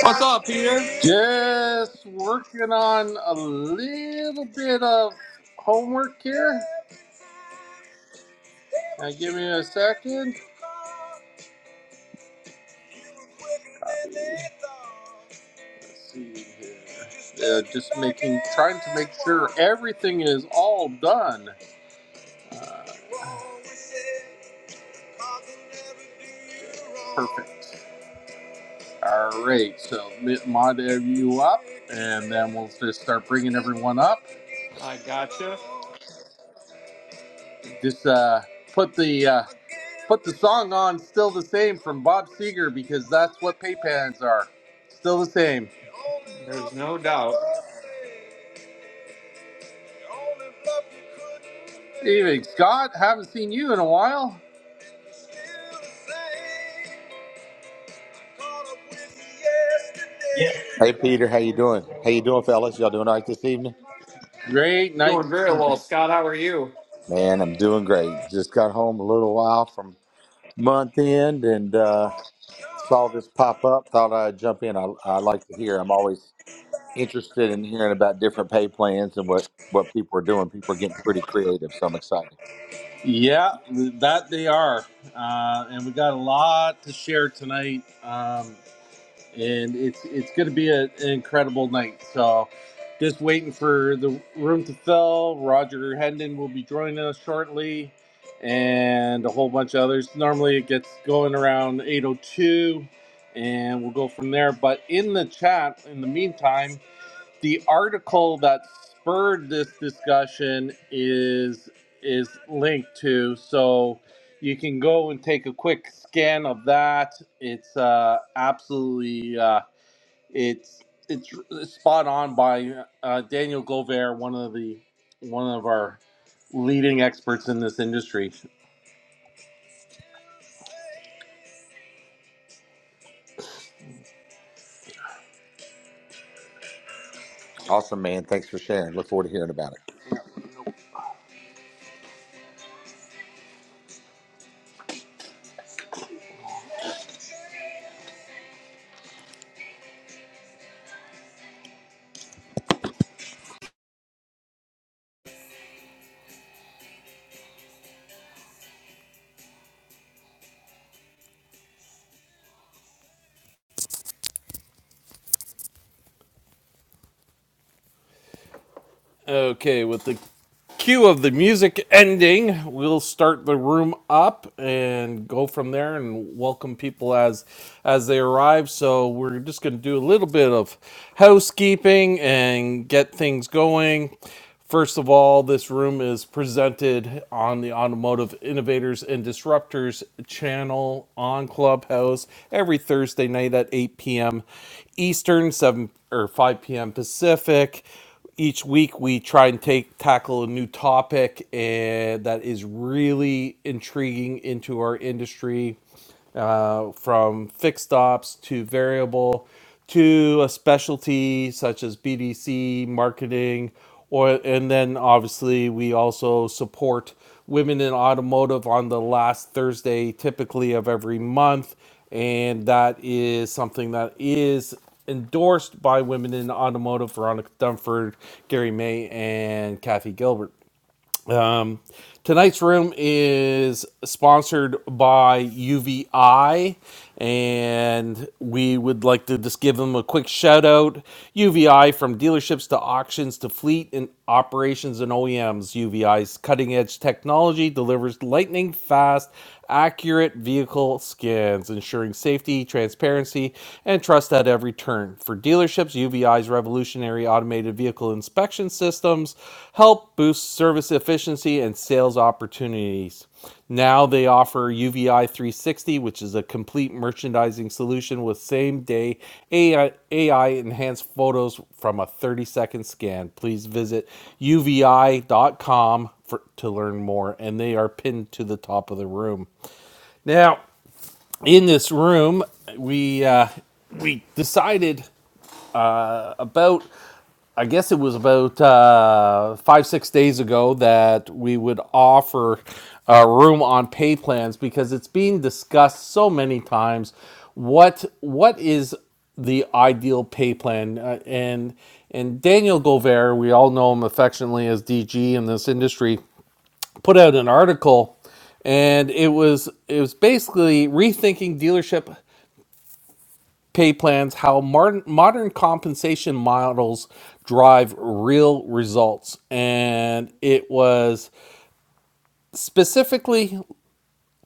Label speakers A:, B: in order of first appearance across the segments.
A: What's up, Peter?
B: Just working on a little bit of homework here. Now, give me a second. Copy. Let's see here. Yeah, just making, trying to make sure everything is all done. Uh, perfect. All right, so mi- mod every you up, and then we'll just start bringing everyone up.
A: I gotcha.
B: Just uh, put the uh, put the song on "Still the Same" from Bob Seger because that's what paypans are. Still the same.
A: There's no doubt.
B: Evening, Scott. Haven't seen you in a while.
C: Yeah. Hey Peter, how you doing? How you doing, fellas? Y'all doing all right this evening?
B: Great night
A: Doing
B: this
A: very well,
B: evening.
A: Scott. How are you?
C: Man, I'm doing great. Just got home a little while from month end and uh, saw this pop up. Thought I'd jump in. I, I like to hear. I'm always interested in hearing about different pay plans and what what people are doing. People are getting pretty creative, so I'm excited.
B: Yeah, that they are, uh, and we got a lot to share tonight. Um, and it's it's going to be a, an incredible night. So, just waiting for the room to fill. Roger Hendon will be joining us shortly, and a whole bunch of others. Normally, it gets going around 8:02, and we'll go from there. But in the chat, in the meantime the article that spurred this discussion is is linked to so you can go and take a quick scan of that it's uh absolutely uh it's it's spot on by uh, daniel gover one of the one of our leading experts in this industry
C: Awesome, man. Thanks for sharing. Look forward to hearing about it.
B: Okay, with the cue of the music ending, we'll start the room up and go from there and welcome people as as they arrive. So we're just going to do a little bit of housekeeping and get things going. First of all, this room is presented on the Automotive Innovators and Disruptors channel on Clubhouse every Thursday night at 8 p.m. Eastern, 7 or 5 p.m. Pacific each week we try and take tackle a new topic eh, that is really intriguing into our industry uh, from fixed ops to variable to a specialty such as BDC marketing, or and then obviously we also support women in automotive on the last Thursday typically of every month, and that is something that is endorsed by women in automotive Veronica Dunford, Gary May, and Kathy Gilbert. Um, tonight's room is sponsored by UVI, and we would like to just give them a quick shout out. UVI from dealerships to auctions to fleet and operations and OEMs. UVI's cutting edge technology delivers lightning fast accurate vehicle scans, ensuring safety, transparency, and trust at every turn. For dealerships, UVI's revolutionary automated vehicle inspection systems help boost service efficiency and sales opportunities. Now they offer for UVI 360, which is a complete merchandising solution with same day AI, enhanced photos from a 30 second scan. Please visit uvi.com for, to learn more, and they are pinned to the top of the room. Now, in this room, we uh, we decided about I guess it was about uh, five, six days ago that we would offer a room on pay plans because it's being discussed so many times. What what is the ideal pay plan? Uh, and and Daniel Gover, we all know him affectionately as DG in this industry, put out an article, and it was it was basically rethinking dealership pay plans how modern, modern compensation models drive real results and it was specifically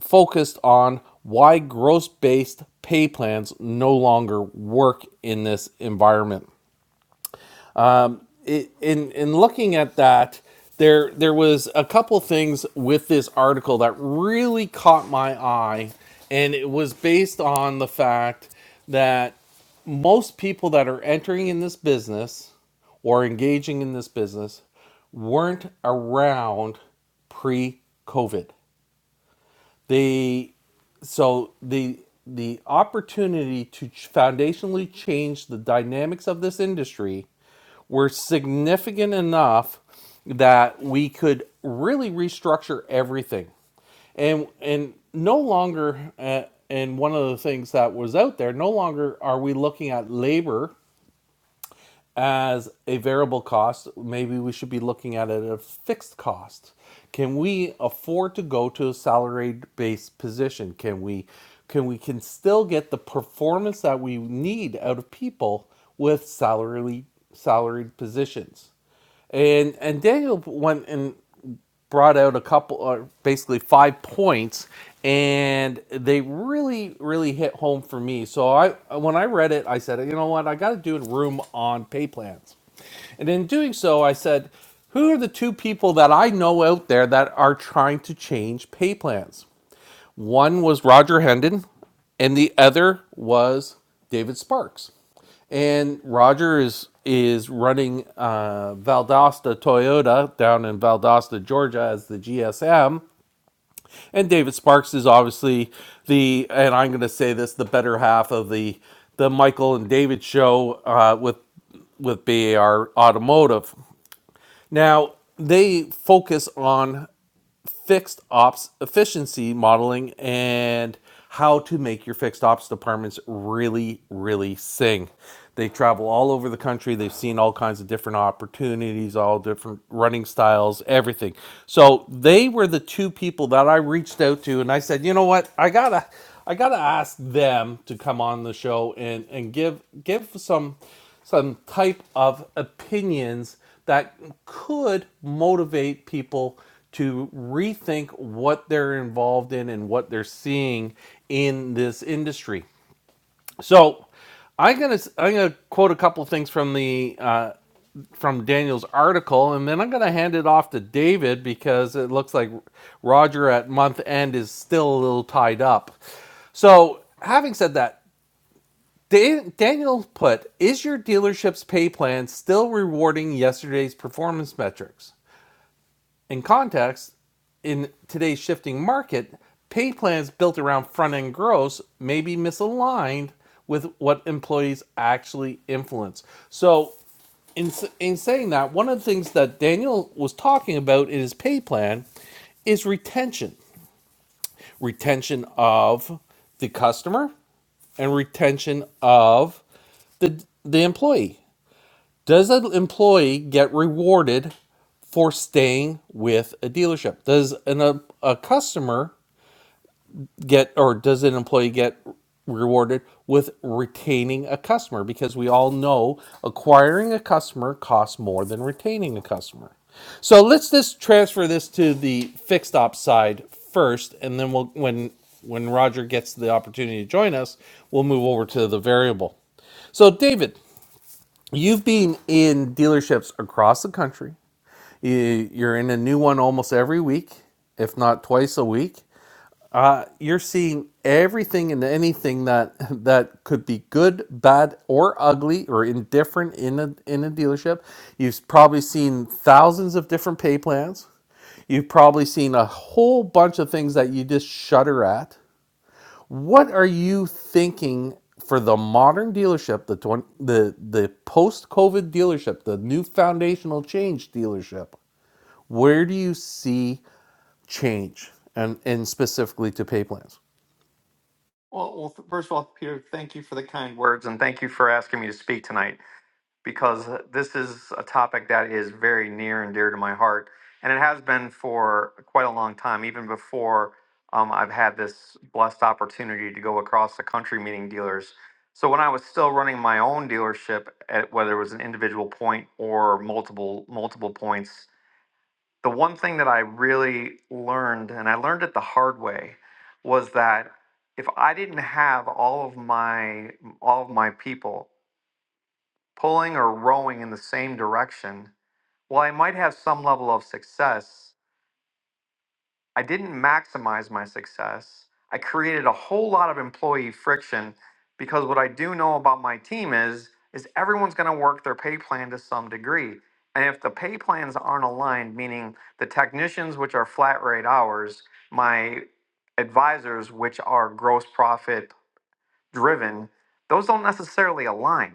B: focused on why gross based pay plans no longer work in this environment it, in in looking at that, there there was a couple things with this article that really caught my eye, and it was based on the fact that most people that are entering in this business or engaging in this business weren't around pre-COVID. They, so the the opportunity to foundationally change the dynamics of this industry were significant enough that we could really restructure everything and and no longer uh, and one of the things that was out there no longer are we looking at labor as a variable cost, maybe we should be looking at it at a fixed cost. Can we afford to go to a salary based position? Can we can we can still get the performance that we need out of people with salary salaried positions? And and Daniel went and brought out a couple, or basically five points, and they really, really hit home for me. So I, when I read it, I said, you know what, I got to do a room on pay plans. And in doing so, I said, who are the two people that I know out there that are trying to change pay plans? One was Roger Hendon, and the other was David Sparks. And Roger is is running uh, Valdosta Toyota down in Valdosta, Georgia, as the GSM. And David Sparks is obviously the and I'm going to say this the better half of the the Michael and David show uh, with with BAR Automotive. Now they focus on fixed ops efficiency modeling and how to make your fixed ops departments really, really sing. They travel all over the country. They've seen all kinds of different opportunities, all different running styles, everything. So they were the two people that I reached out to, and I said, you know what, I gotta, I gotta ask them to come on the show and and give give some some type of opinions that could motivate people to rethink what they're involved in and what they're seeing in this industry. So, I'm gonna I'm gonna quote a couple things from the uh, from Daniel's article, and then I'm gonna hand it off to David because it looks like Roger at month end is still a little tied up. So, having said that, Daniel put, is your dealership's pay plan still rewarding yesterday's performance metrics? In context, in today's shifting market, pay plans built around front end gross may be misaligned with what employees actually influence. So, in, in saying that, one of the things that Daniel was talking about in his pay plan is retention retention of the customer and retention of the the employee. Does an employee get rewarded for staying with a dealership? Does an, a, a customer get or does an employee get rewarded with retaining a customer because we all know acquiring a customer costs more than retaining a customer so let's just transfer this to the fixed ops side first and then we'll when when roger gets the opportunity to join us we'll move over to the variable so david you've been in dealerships across the country You- you're in a new one almost every week if not twice a week you're seeing everything and anything that that could be good, bad, or ugly or indifferent in a in a dealership. You've probably seen thousands of different pay plans. You've probably seen a whole bunch of things that you just shudder at. What are you thinking for the modern dealership, the 20, the the post-COVID dealership, the new foundational change dealership? Where do you see change and and specifically to pay plans?
A: Well, well, f- first of all, Peter, thank you for the kind words and thank you for asking me to speak tonight because uh, this is a topic that is very near and dear to my heart. And it has been for quite a long time, even before um, I've had this blessed opportunity to go across the country meeting dealers. So when I was still running my own dealership, at whether it was an individual point or multiple multiple points, the one thing that I really learned, and I learned it the hard way, was that if I didn't have all of my all of my people pulling or rowing in the same direction, well, I might have some level of success, I didn't maximize my success. I created a whole lot of employee friction because what I do know about my team is is everyone's going to work their pay plan to some degree. And if the pay plans aren't aligned, meaning the technicians which are flat rate hours, my advisors which are gross profit driven, those don't necessarily align.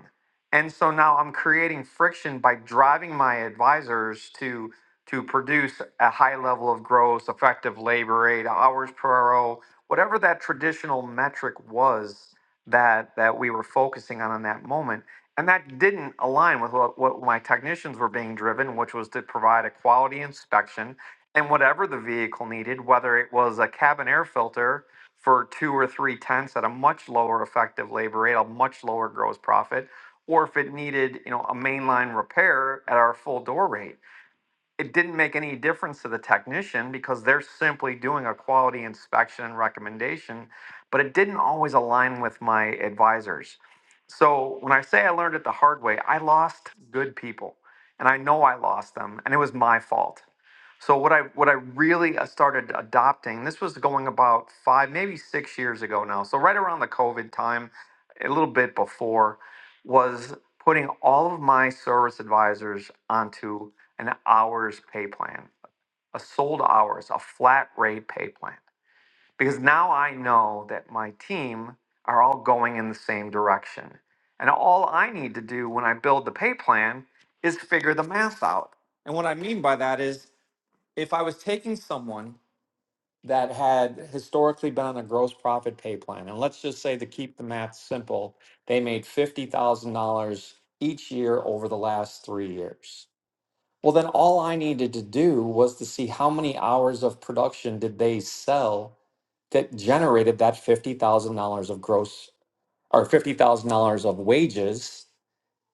A: And so now I'm creating friction by driving my advisors to to produce a high level of gross, effective labor rate, hours per hour, whatever that traditional metric was that that we were focusing on in that moment. And that didn't align with what, what my technicians were being driven, which was to provide a quality inspection and whatever the vehicle needed, whether it was a cabin air filter for two or three tenths at a much lower effective labor rate, a much lower gross profit, or if it needed, you know, a mainline repair at our full door rate it didn't make any difference to the technician because they're simply doing a quality inspection and recommendation, but it didn't always align with my advisors. So when I say I learned it the hard way, I lost good people and I know I lost them and it was my fault. So what I what I really uh, started adopting, this was going about 5 maybe 6 years ago now. So right around the COVID time, a little bit before was putting all of my service advisors onto an hours pay plan, a sold hours, a flat rate pay plan. Because now I know that my team are all going in the same direction. And all I need to do when I build the pay plan is figure the math out. And what I mean by that is if I was taking someone that had historically been on a gross profit pay plan, and let's just say to keep the math simple, they made $50,000 each year over the last three years well, then all I needed to do was to see how many hours of production did they sell that generated that $50,000 of gross or $50,000 of wages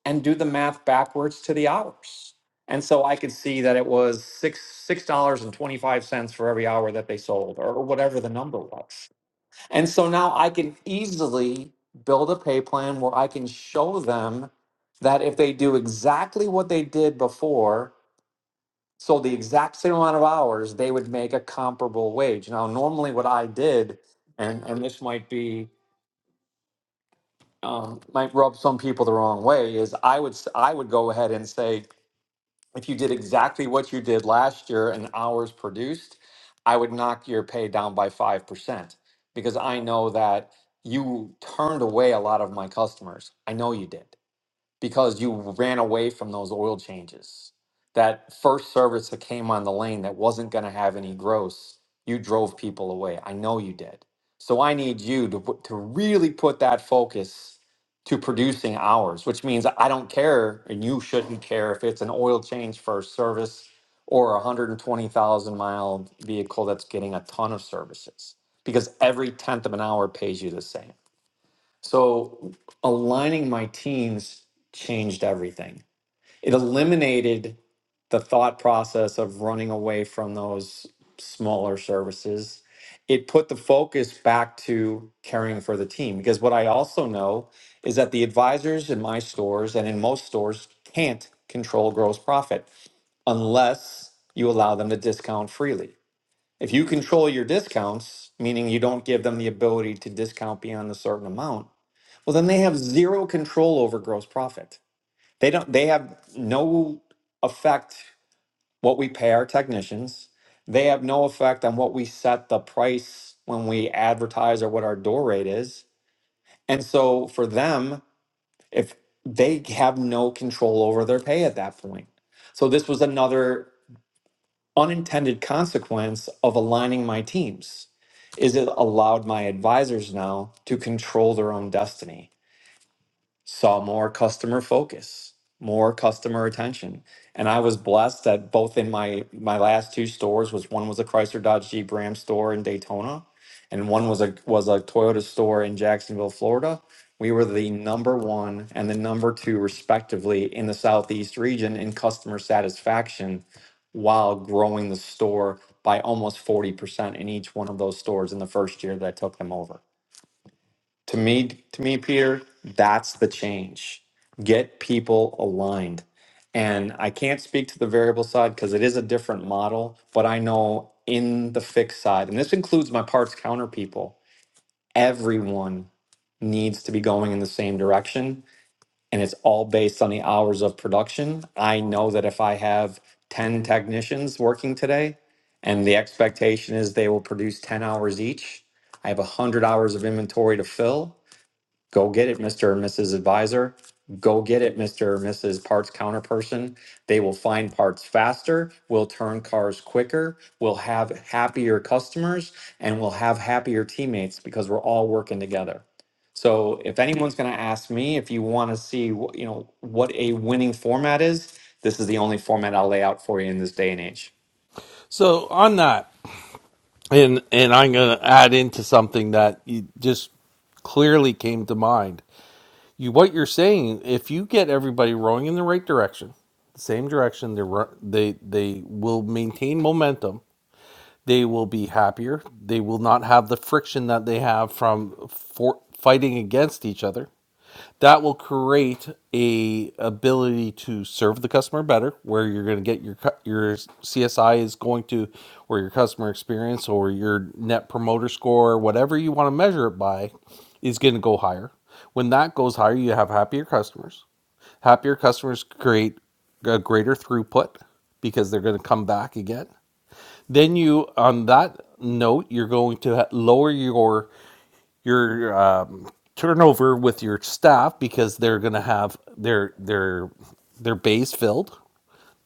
A: and do the math backwards to the hours. And so I could see that it was six six dollars and twenty five cents for every hour that they sold, or whatever the number was. And so now I can easily build a pay plan where I can show them that if they do exactly what they did before, so the exact same amount of hours, they would make a comparable wage. Now, normally what I did, and, and this might be, um, might rub some people the wrong way, is I would, s- I would go ahead and say, if you did exactly what you did last year and hours produced, I would knock your pay down by 5% because I know that you turned away a lot of my customers. I know you did because you ran away from those oil changes. That first service that came on the lane that wasn't going to have any gross, you drove people away. I know you did. So I need you to put, to really put that focus to producing hours, which means I don't care, and you shouldn't care if it's an oil change first service or a 120,000 mile vehicle that's getting a ton of services, because every tenth of an hour pays you the same. So aligning my teams changed everything. It eliminated the thought process of running away from those smaller services. It put the focus back to caring for the team because what I also know is that the advisors in my stores and in most stores can't control gross profit unless you allow them to discount freely. If you control your discounts, meaning you don't give them the ability to discount beyond a certain amount, well, then they have zero control over gross profit. They don't they have no effect what we pay our technicians. They have no effect on what we set the price when we advertise or what our door rate is. And so for them, if they have no control over their pay at that point. So this was another unintended consequence of aligning my teams is it allowed my advisors now to control their own destiny saw more customer focus, more customer attention. And I was blessed that both in my my last two stores was one was a Chrysler Dodge Jeep Ram store in Daytona, and one was a was a Toyota store in Jacksonville, Florida. We were the number one and the number two respectively in the Southeast region in customer satisfaction while growing the store by almost 40% in each one of those stores in the first year that I took them over. To me, to me, Peter, that's the change. Get people aligned. And I can't speak to the variable side because it is a different model, but I know in the fixed side, and this includes my parts counter people, everyone needs to be going in the same direction. And it's all based on the hours of production. I know that if I have 10 technicians working today, and the expectation is they will produce 10 hours each, I have 100 hours of inventory to fill Go get it, Mr. and Mrs. Advisor. Go get it, Mr. or Mrs. Parts Counterperson. They will find parts faster, will turn cars quicker, will have happier customers, and will have happier teammates because we're all working together. So if anyone's going to ask me if you want to see wh- you know what a winning format is, this is the only format I'll lay out for you in this day and age.
B: So on that, and and I'm going to add into something that you just clearly came to mind. You what you're saying, if you get everybody rowing in the right direction, the same direction, they they they will maintain momentum. They will be happier. They will not have the friction that they have from for fighting against each other that will create a ability to serve the customer better where you're going to get your your CSI is going to or your customer experience or your net promoter score whatever you want to measure it by is going to go higher when that goes higher you have happier customers happier customers create a greater throughput because they're going to come back again then you on that note you're going to lower your your um, turnover with your staff because they're going to have their their their bays filled,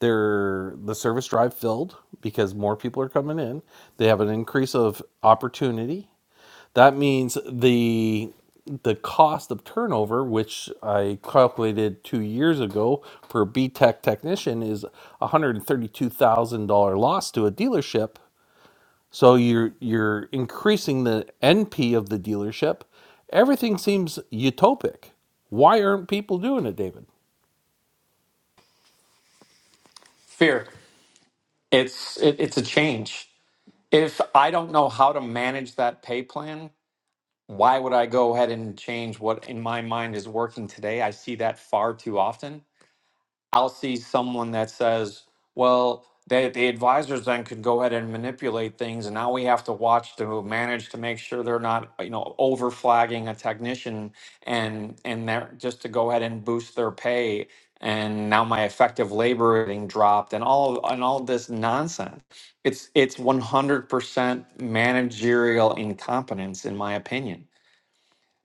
B: their the service drive filled because more people are coming in. They have an increase of opportunity. That means the the cost of turnover, which I calculated two years ago for a B Tech technician, is a hundred and thirty two thousand dollar loss to a dealership so you're you're increasing the NP of the dealership. Everything seems utopic. Why aren't people doing it, David?
A: Fear. It's it, it's a change. If I don't know how to manage that pay plan, why would I go ahead and change what in my mind is working today? I see that far too often. I'll see someone that says, well, they, the advisors then could go ahead and manipulate things, and now we have to watch to manage to make sure they're not, you know, over flagging a technician and and they're just to go ahead and boost their pay. And now my effective labor rating dropped, and all and all this nonsense. It's it's one hundred percent managerial incompetence, in my opinion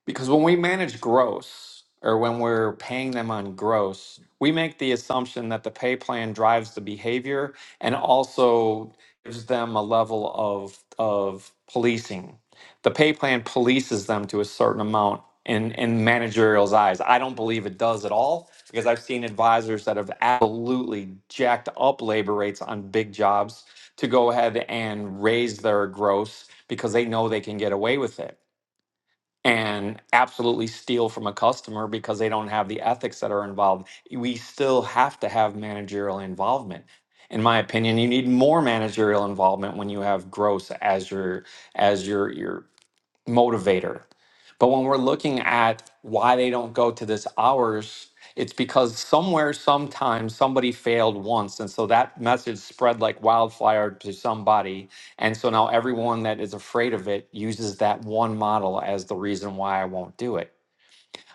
A: because when we manage gross or when we're paying them on gross, we make the assumption that the pay plan drives the behavior and also gives them a level of of policing. The pay plan polices them to a certain amount in, in managerial's eyes. I don't believe it does at all because I've seen advisors that have absolutely jacked up labor rates on big jobs to go ahead and raise their gross because they know they can get away with it and absolutely steal from a customer because they don't have the ethics that are involved. We still have to have managerial involvement. In my opinion, you need more managerial involvement when you have gross as your as your your motivator. But when we're looking at why they don't go to this hours, it's because somewhere, sometime, somebody failed once. And so that message spread like wildfire to somebody. And so now everyone that is afraid of it uses that one model as the reason why I won't do it.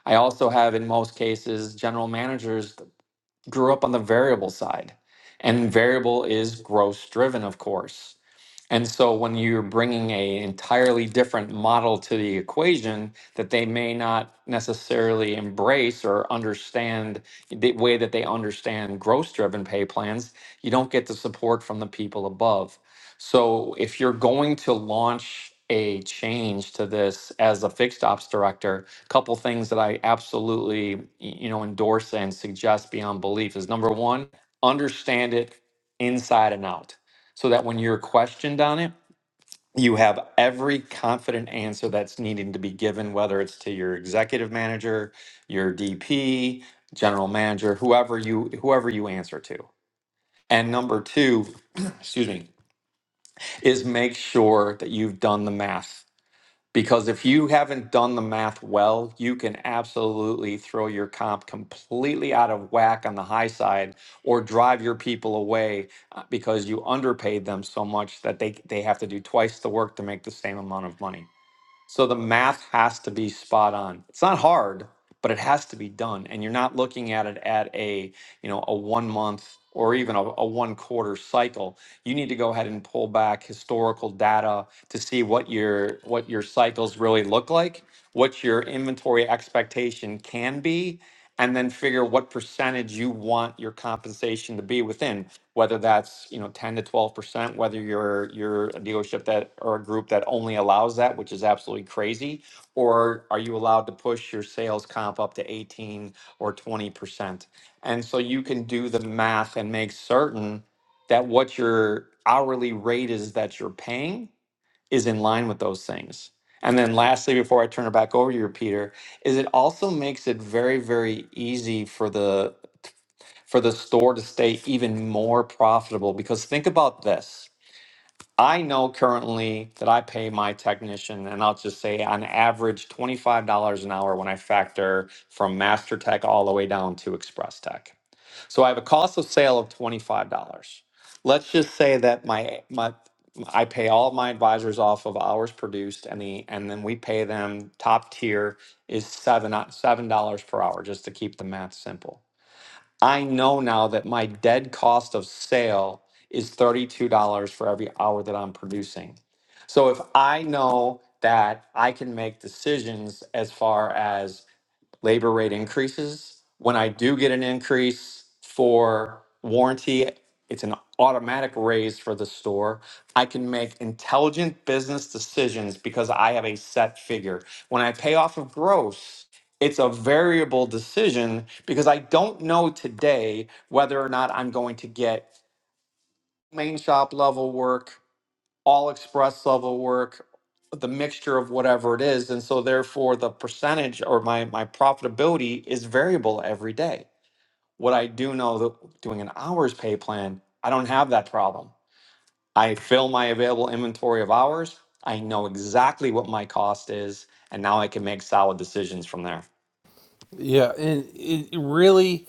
A: I also have, in most cases, general managers that grew up on the variable side. And variable is gross driven, of course. And so when you're bringing a entirely different model to the equation that they may not necessarily embrace or understand the way that they understand gross driven pay plans, you don't get the support from the people above. So if you're going to launch a change to this as a fixed ops director, a couple things that I absolutely y- you know endorse and suggest beyond belief is number 1, understand it inside and out so that when you're questioned on it, you have every confident answer that's needing to be given, whether it's to your executive manager, your DP, general manager, whoever you whoever you answer to. And number two, excuse me, is make sure that you've done the math because if you haven't done the math well, you can absolutely throw your comp completely out of whack on the high side or drive your people away uh, because you underpaid them so much that they, they have to do twice the work to make the same amount of money. So the math has to be spot on. It's not hard, but it has to be done. And you're not looking at it at a you know, a one month or even a, a one quarter cycle, you need to go ahead and pull back historical data to see what your what your cycles really look like, what your inventory expectation can be, and then figure what percentage you want your compensation to be within, whether that's, you know, 10 to 12%, whether you're you're a dealership that or a group that only allows that, which is absolutely crazy, or are you allowed to push your sales comp up to 18 or 20%? And so you can do the math and make certain that what your hourly rate is that you're paying is in line with those things. And then lastly, before I turn it back over to you, Peter, is it also makes it very, very easy for the for the store to stay even more profitable. Because think about this. I know currently that I pay my technician, and I'll just say on average $25 an hour when I factor from Master Tech all the way down to Express Tech. So I have a cost of sale of $25. Let's just say that my my I pay all of my advisors off of hours produced and the and then we pay them top tier is seven o- seven dollars per hour just to keep the math simple. I know now that my dead cost of sale is $32 for every hour that I'm producing. So if I know that I can make decisions as far as labor rate increases. When I do get an increase for warranty, it's an automatic raise for the store. I can make intelligent business decisions because I have a set figure. When I pay off of gross, it's a variable decision because I don't know today whether or not I'm going to get main shop level work all express level work, the mixture of whatever it is. And so therefore the percentage or my my profitability is variable every day. What I do know that doing an hours pay plan, I don't have that problem. I fill my available inventory of hours. I know exactly what my cost is, and now I can make solid decisions from there.
B: Yeah, and it really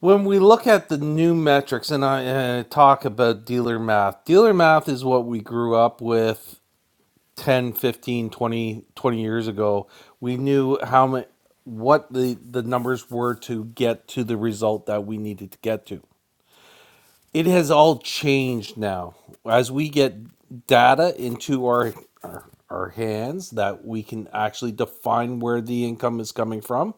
B: when we look at the new metrics and I uh, talk about dealer math. Dealer math is what we grew up with 10, 15, 20, 20 years ago. We knew how much what the the numbers were to get to the result that we needed to get to. it has all changed now as we get data into our, our our hands that we can actually define where the income is coming from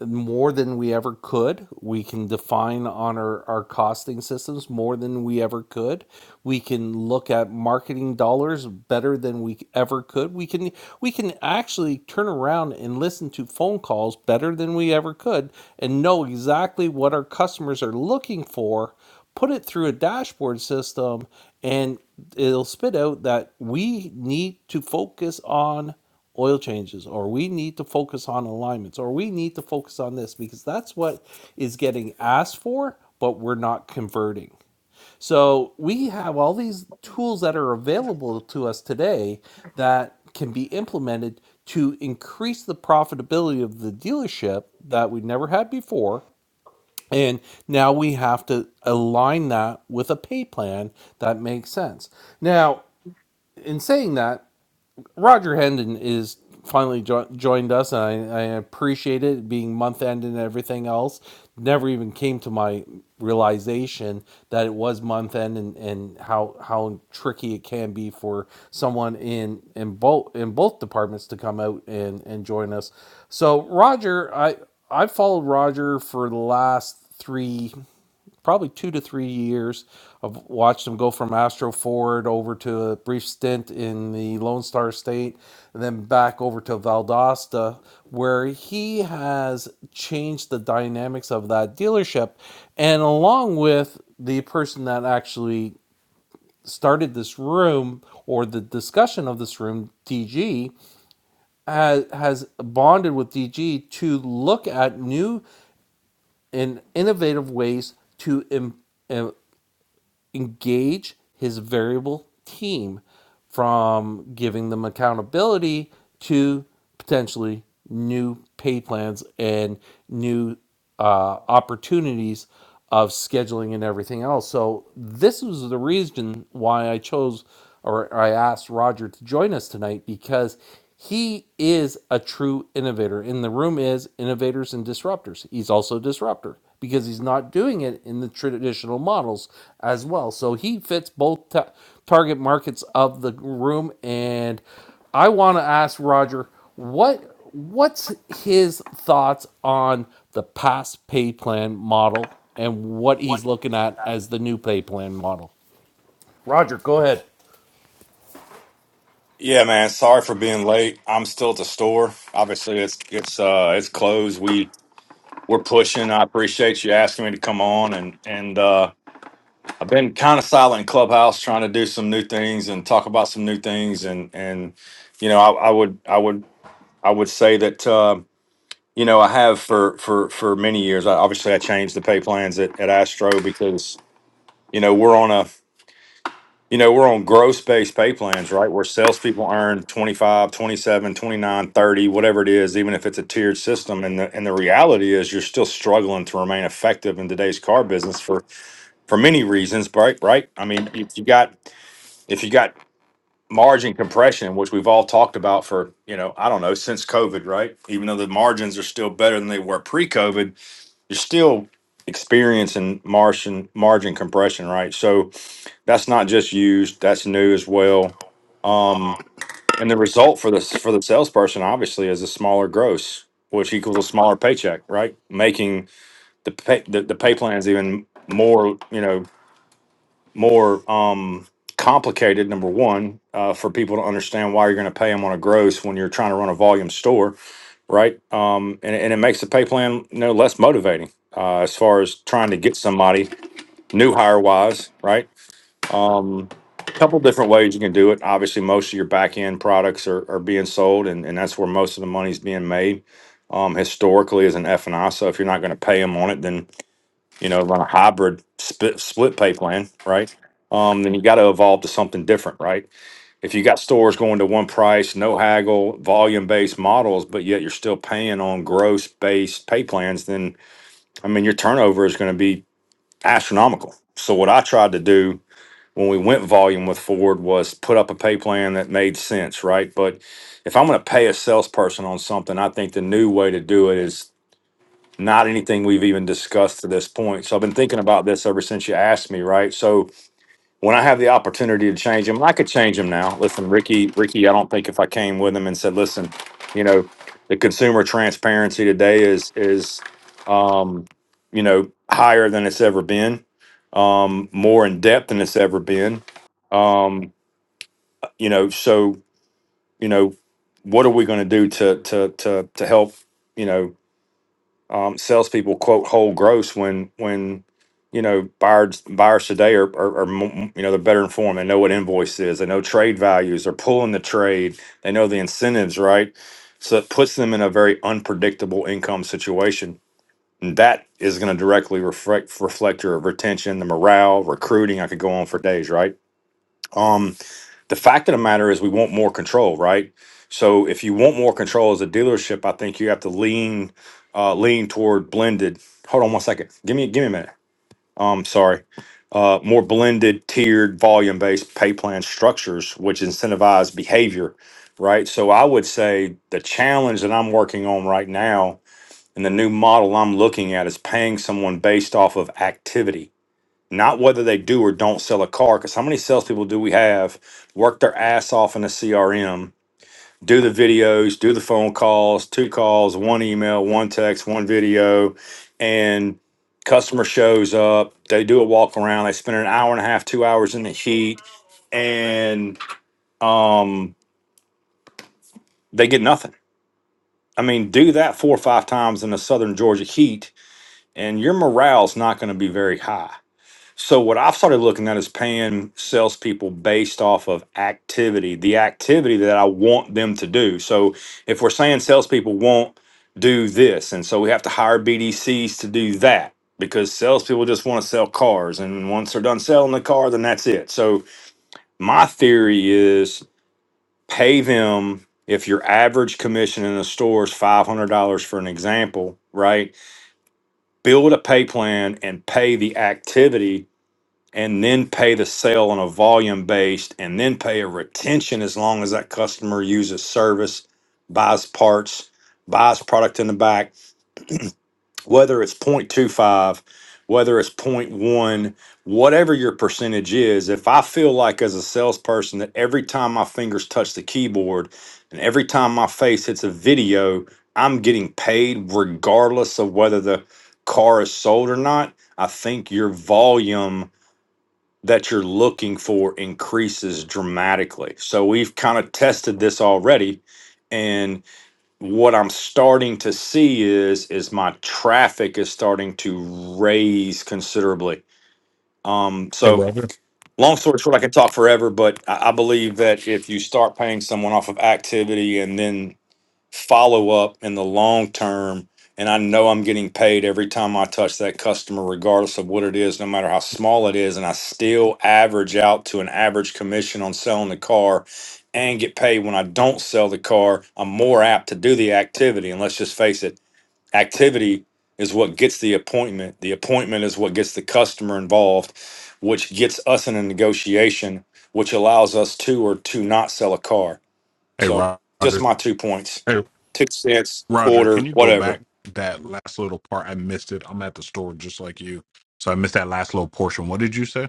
B: more than we ever could we can define on our, our costing systems more than we ever could we can look at marketing dollars better than we ever could we can we can actually turn around and listen to phone calls better than we ever could and know exactly what our customers are looking for put it through a dashboard system and it'll spit out that we need to focus on oil changes or we need to focus on alignments or we need to focus on this because that's what is getting asked for but we're not converting so we have all these tools that are available to us today that can be implemented to increase the profitability of the dealership that we never had before and now we have to align that with a pay plan that makes sense. Now, in saying that, Roger Hendon is finally jo- joined us, and I, I appreciate it being month end and everything else. Never even came to my realization that it was month end and, and how how tricky it can be for someone in in both in both departments to come out and and join us. So Roger, I i followed Roger for the last three probably two to three years. I've watched him go from Astro Ford over to a brief stint in the Lone Star State, and then back over to Valdosta, where he has changed the dynamics of that dealership. And along with the person that actually started this room or the discussion of this room, DG, has, has bonded with DG to look at new and innovative ways to improve engage his variable team from giving them accountability to potentially new pay plans and new uh, opportunities of scheduling and everything else. So this was the reason why I chose or I asked Roger to join us tonight because he is a true innovator, and the room is innovators and disruptors. He's also a disruptor because he's not doing it in the traditional models as well. So he fits both ta- target markets of the room. And I want to ask Roger what what's his thoughts on the past pay plan model and what
D: what?
B: he's
D: you
B: looking
D: talk
B: at
D: about.
B: as the new pay plan model. Roger, go ahead.
E: Yeah, man. Sorry for being late. I'm still at the store. Obviously, it's it's uh it's closed. We we're pushing. I appreciate you asking me to come on and and uh I've been kind of silent in Clubhouse trying to do some new things and talk about some new things and and you know, I, I would I would I would say that uh, you know, I have for for for many years. I, obviously I changed the pay plans at at Astro because you know, we're on a you know, we're on gross base pay plans, right? Where salespeople earn 25, 27, 29, 30, whatever it is, even if it's a tiered system. And the and the reality is you're still struggling to remain effective in today's car business for for many reasons, right? Right. I mean, if you got if you got margin compression, which we've all talked about for, you know, I don't know, since COVID, right? Even though the margins are still better than they were pre-COVID, you're still experiencing margin margin compression, right? So that's not just used, that's new as well. Um, and the result for this for the salesperson obviously is a smaller gross, which equals a smaller paycheck, right? Making the pay the, the pay plans even more, you know, more um complicated number one uh, for people to understand why you're going to pay them on a gross when you're trying to run a volume store right um, and, and it makes the pay plan you know less motivating uh, as far as trying to get somebody new hire wise right um, couple different ways you can do it. Obviously, most of your back end products are, are being sold, and, and that's where most of the money's being made. Um, historically, as an F and I, so if you're not going to pay them on it, then you know run a hybrid split split pay plan, right? Um, then you got to evolve to something different, right? If you got stores going to one price, no haggle, volume based models, but yet you're still paying on gross based pay plans, then I mean your turnover is going to be astronomical. So what I tried to do when we went volume with Ford was put up a pay plan that made sense, right? But if I'm going to pay a salesperson on something, I think the new way to do it is not anything we've even discussed to this point. So I've been thinking about this ever since you asked me, right? So when I have the opportunity to change him, I could change him now. Listen, Ricky, Ricky, I don't think if I came with him and said, listen, you know, the consumer transparency today is is um, you know, higher than it's ever been, um, more in depth than it's ever been. Um, you know, so, you know, what are we gonna do to to to to help, You know um, salespeople quote whole gross when when you know buyers buyers today are, are, are m- you know they're better informed. They know what invoice is. They know trade values. They're pulling the trade. They know the incentives, right? So it puts them in a very unpredictable income situation. And that is going to directly reflect reflect your retention, the morale, recruiting. I could go on for days, right? Um, the fact of the matter is we want more control right so if you want more control as a dealership i think you have to lean uh lean toward blended hold on one second give me give me a minute um sorry uh more blended tiered volume based pay plan structures which incentivize behavior right so i would say the challenge that i'm working on right now and the new model i'm looking at is paying someone based off of activity not whether they do or don't sell a car. Because how many salespeople do we have work their ass off in the CRM, do the videos, do the phone calls, two calls, one email, one text, one video, and customer shows up. They do a walk around. They spend an hour and a half, two hours in the heat, and um, they get nothing. I mean, do that four or five times in the Southern Georgia heat, and your morale's not going to be very high. So what I've started looking at is paying salespeople based off of activity, the activity that I want them to do. So if we're saying salespeople won't do this, and so we have to hire BDCs to do that because salespeople just want to sell cars, and once they're done selling the car, then that's it. So my theory is pay them if your average commission in the store is five hundred dollars for an example, right? Build a pay plan and pay the activity and then pay the sale on a volume based and then pay a retention as long as that customer uses service, buys parts, buys product in the back, whether it's point two five, whether it's point one, whatever your percentage is. If I feel like as a salesperson that every time my fingers touch the keyboard and every time my face hits a video, I'm getting paid regardless of whether the car is sold or not, I think your volume that you're looking for increases dramatically. So we've kind of tested this already and what I'm starting to see is is my traffic is starting to raise considerably. Um
F: Hey
E: so
F: Roger.
E: long story short I could talk forever but I, I believe that if you start paying someone off of activity and then follow up in the long term. And I know I'm getting paid every time I touch that customer, regardless of what it is, no matter how small it is. And I still average out to an average commission on selling the car and get paid when I don't sell the car. I'm more apt to do the activity. And let's just face it, activity is what gets the appointment. The appointment is what gets the customer involved, which gets us in a negotiation, which allows us to or to not sell a car
F: Hey
E: so just
F: Roger.
E: my two points.
F: Hey
E: Two cents,
F: Roger, can
E: quarter,
F: you go
E: whatever.
F: back that last little part? I missed it. I'm at the store just like you. So I missed that last little portion. What did you say?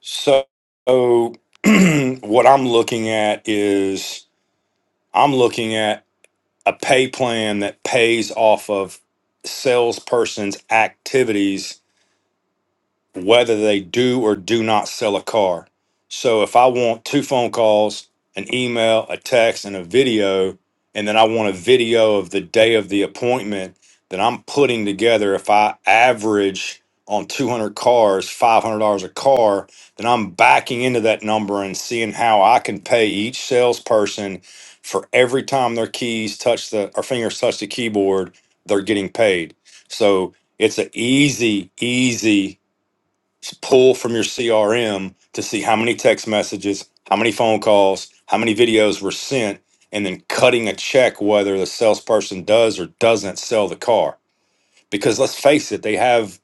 E: So what I'm looking at is I'm looking at a pay plan that pays off of salesperson's activities whether they do or do not sell a car. So if I want two phone calls, an email, a text, and a video, and then I want a video of the day of the appointment that I'm putting together, if I average on 200 cars, $500 a car, then I'm backing into that number and seeing how I can pay each salesperson for every time their keys touch the or fingers touch the keyboard, they're getting paid. So it's an easy, easy pull from your CRM to see how many text messages, how many phone calls, how many videos were sent, and then cutting a check whether the salesperson does or doesn't sell the car. Because let's face it, they have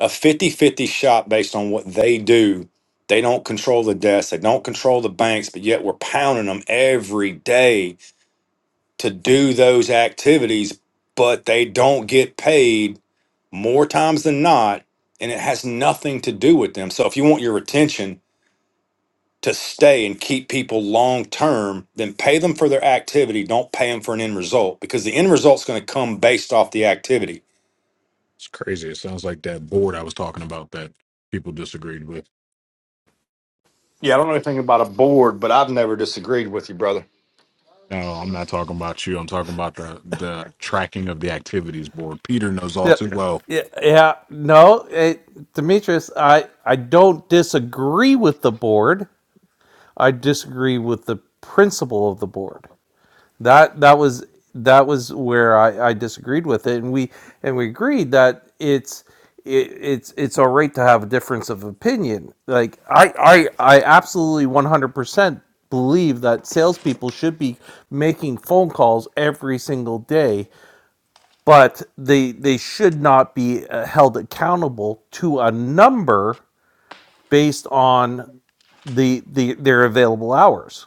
E: a fifty-fifty shot based on what they do. They don't control the desks, they don't control the banks, but yet we're pounding them every day to do those activities, but they don't get paid more times than not, and it has nothing to do with them. So if you want your retention to stay and keep people long term, then pay them for their activity. Don't pay them for an end result because the end result's going to come based off the activity.
F: It's crazy. It sounds like that board I was talking about that people disagreed with.
E: Yeah, I don't know anything about a board, but I've never disagreed with you, brother.
F: No, I'm not talking about you. I'm talking about the the tracking of the activities board. Peter knows all
B: Yeah,
F: too well.
B: yeah, yeah. No, it, Demetrius, I I don't disagree with the board. I disagree with the principle of the board. That that was that was where I, I disagreed with it, and we and we agreed that it's it, it's it's all right to have a difference of opinion. Like I I I absolutely one hundred percent believe that salespeople should be making phone calls every single day but they they should not be uh, held accountable to a number based on the, the their available hours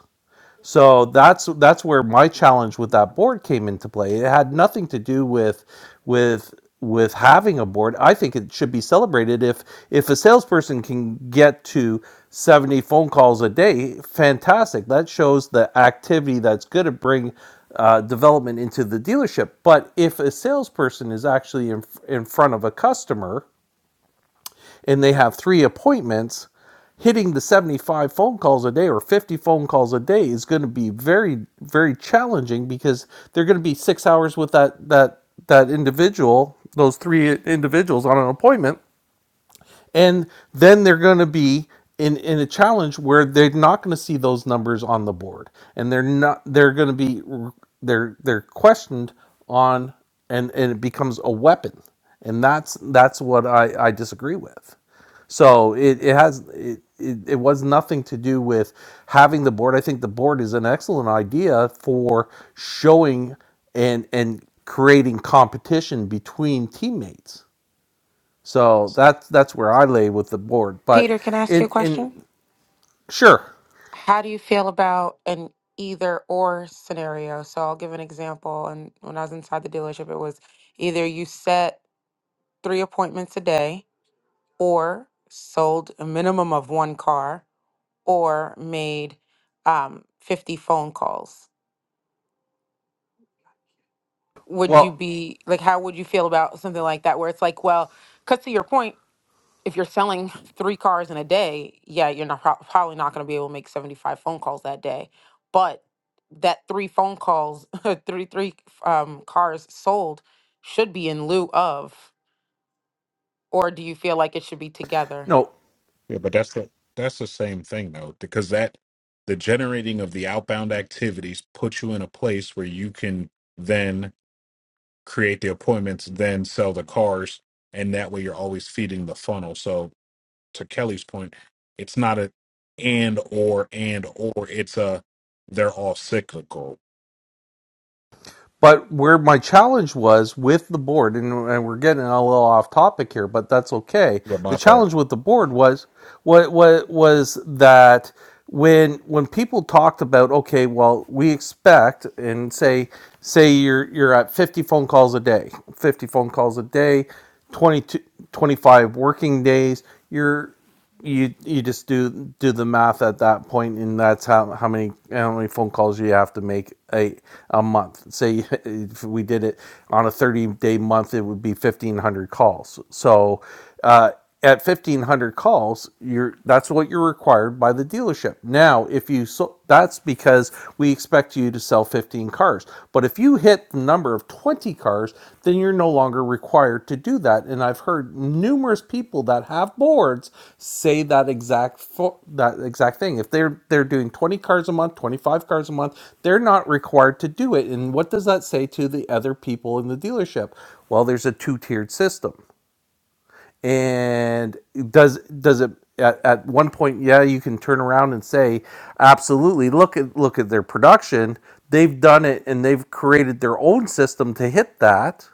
B: so that's that's where my challenge with that board came into play. It had nothing to do with with with having a board. I think it should be celebrated if if a salesperson can get to 70 phone calls a day, fantastic. That shows the activity that's going to bring uh, development into the dealership. But if a salesperson is actually in, in front of a customer and they have three appointments, hitting the 75 phone calls a day or 50 phone calls a day is going to be very, very challenging because they're going to be six hours with that, that, that individual, those three individuals on an appointment. And then they're going to be in, in a challenge where they're not going to see those numbers on the board and they're not, they're going to be, they're, they're questioned on, and, and it becomes a weapon. And that's, that's what I, I disagree with. So it, it has it, it it was nothing to do with having the board. I think the board is an excellent idea for showing and and creating competition between teammates. So that's that's where I lay with the board. But
G: Peter, can I ask you
B: in
G: a
B: in
G: question?
B: sure.
G: How do you feel about an either or scenario? So I'll give an example. And when I was inside the dealership, it was either you set three appointments a day, or sold a minimum of one car, or made um, 50 phone calls. Would you
B: Well,
G: be like, how would you feel about something like that? Where it's like, well, because to your point, if you're selling three cars in a day, yeah, you're not prob- probably not going to be able to make 75 phone calls that day. But that three phone calls, three three um, cars sold, should be in lieu of, or do you feel like it should be together?
B: no.
F: Yeah, but that's the that's the same thing though, because that the generating of the outbound activities puts you in a place where you can then create the appointments, then sell the cars, and that way you're always feeding the funnel. So to Kelly's point, it's not a and or and or it's a they're all cyclical.
B: But where my challenge was with the board, and, and we're getting a little off topic here, but that's okay.
F: But my
B: The
F: fault.
B: challenge with the board was what what was that when when people talked about okay, well, we expect and say say you're you're at 50 phone calls a day, 50 phone calls a day, 22 25 working days, you're you you just do do the math at that point and that's how, how many how many phone calls you have to make a a month say if we did it on a 30 day month it would be 1500 calls so uh, at 1500 calls you're that's what you're required by the dealership now if you so that's because we expect you to sell 15 cars. But if you hit the number of 20 cars, then you're no longer required to do that. And I've heard numerous people that have boards say that exact fo- that exact thing. If they're they're doing 20 cars a month, 25 cars a month, they're not required to do it. And what does that say to the other people in the dealership? Well, there's a two-tiered system and does does it at, at one point yeah you can turn around and say absolutely look at look at their production they've done it and they've created their own system to hit that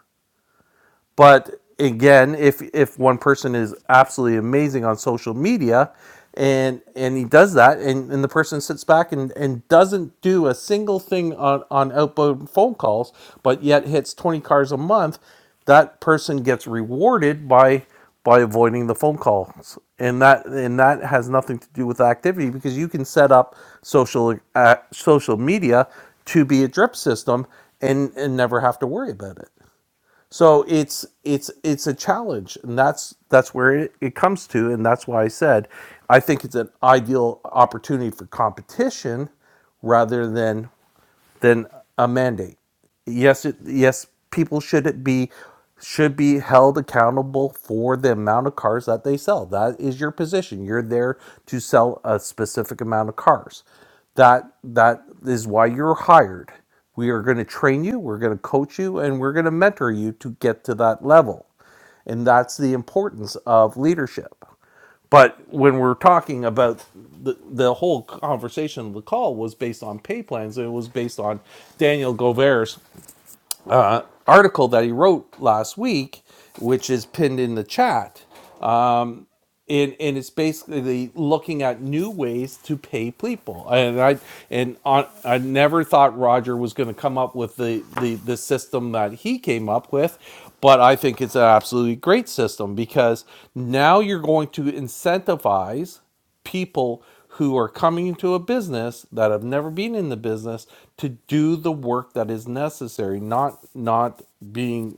B: but again, if if one person is absolutely amazing on social media and and he does that and, and the person sits back and, and doesn't do a single thing on, on outbound phone calls, but yet hits twenty cars a month, that person gets rewarded by by avoiding the phone calls and that and that has nothing to do with activity because you can set up social uh, social media to be a drip system and and never have to worry about it so it's it's it's a challenge, and that's that's where it, it comes to, and that's why I said I think it's an ideal opportunity for competition rather than than a mandate. Yes, it, yes, people should be should be held accountable for the amount of cars that they sell. That is your position. You're there to sell a specific amount of cars. That that is why you're hired. We are going to train you, we're going to coach you, and we're going to mentor you to get to that level. And that's the importance of leadership. But when we're talking about the, the whole conversation of the call was based on pay plans. and It was based on Daniel Gover's uh, article that he wrote last week, which is pinned in the chat and and it's basically looking at new ways to pay people. And I and on, I never thought Roger was going to come up with the, the the system that he came up with, but I think it's an absolutely great system because now you're going to incentivize people who are coming into a business that have never been in the business to do the work that is necessary, not not being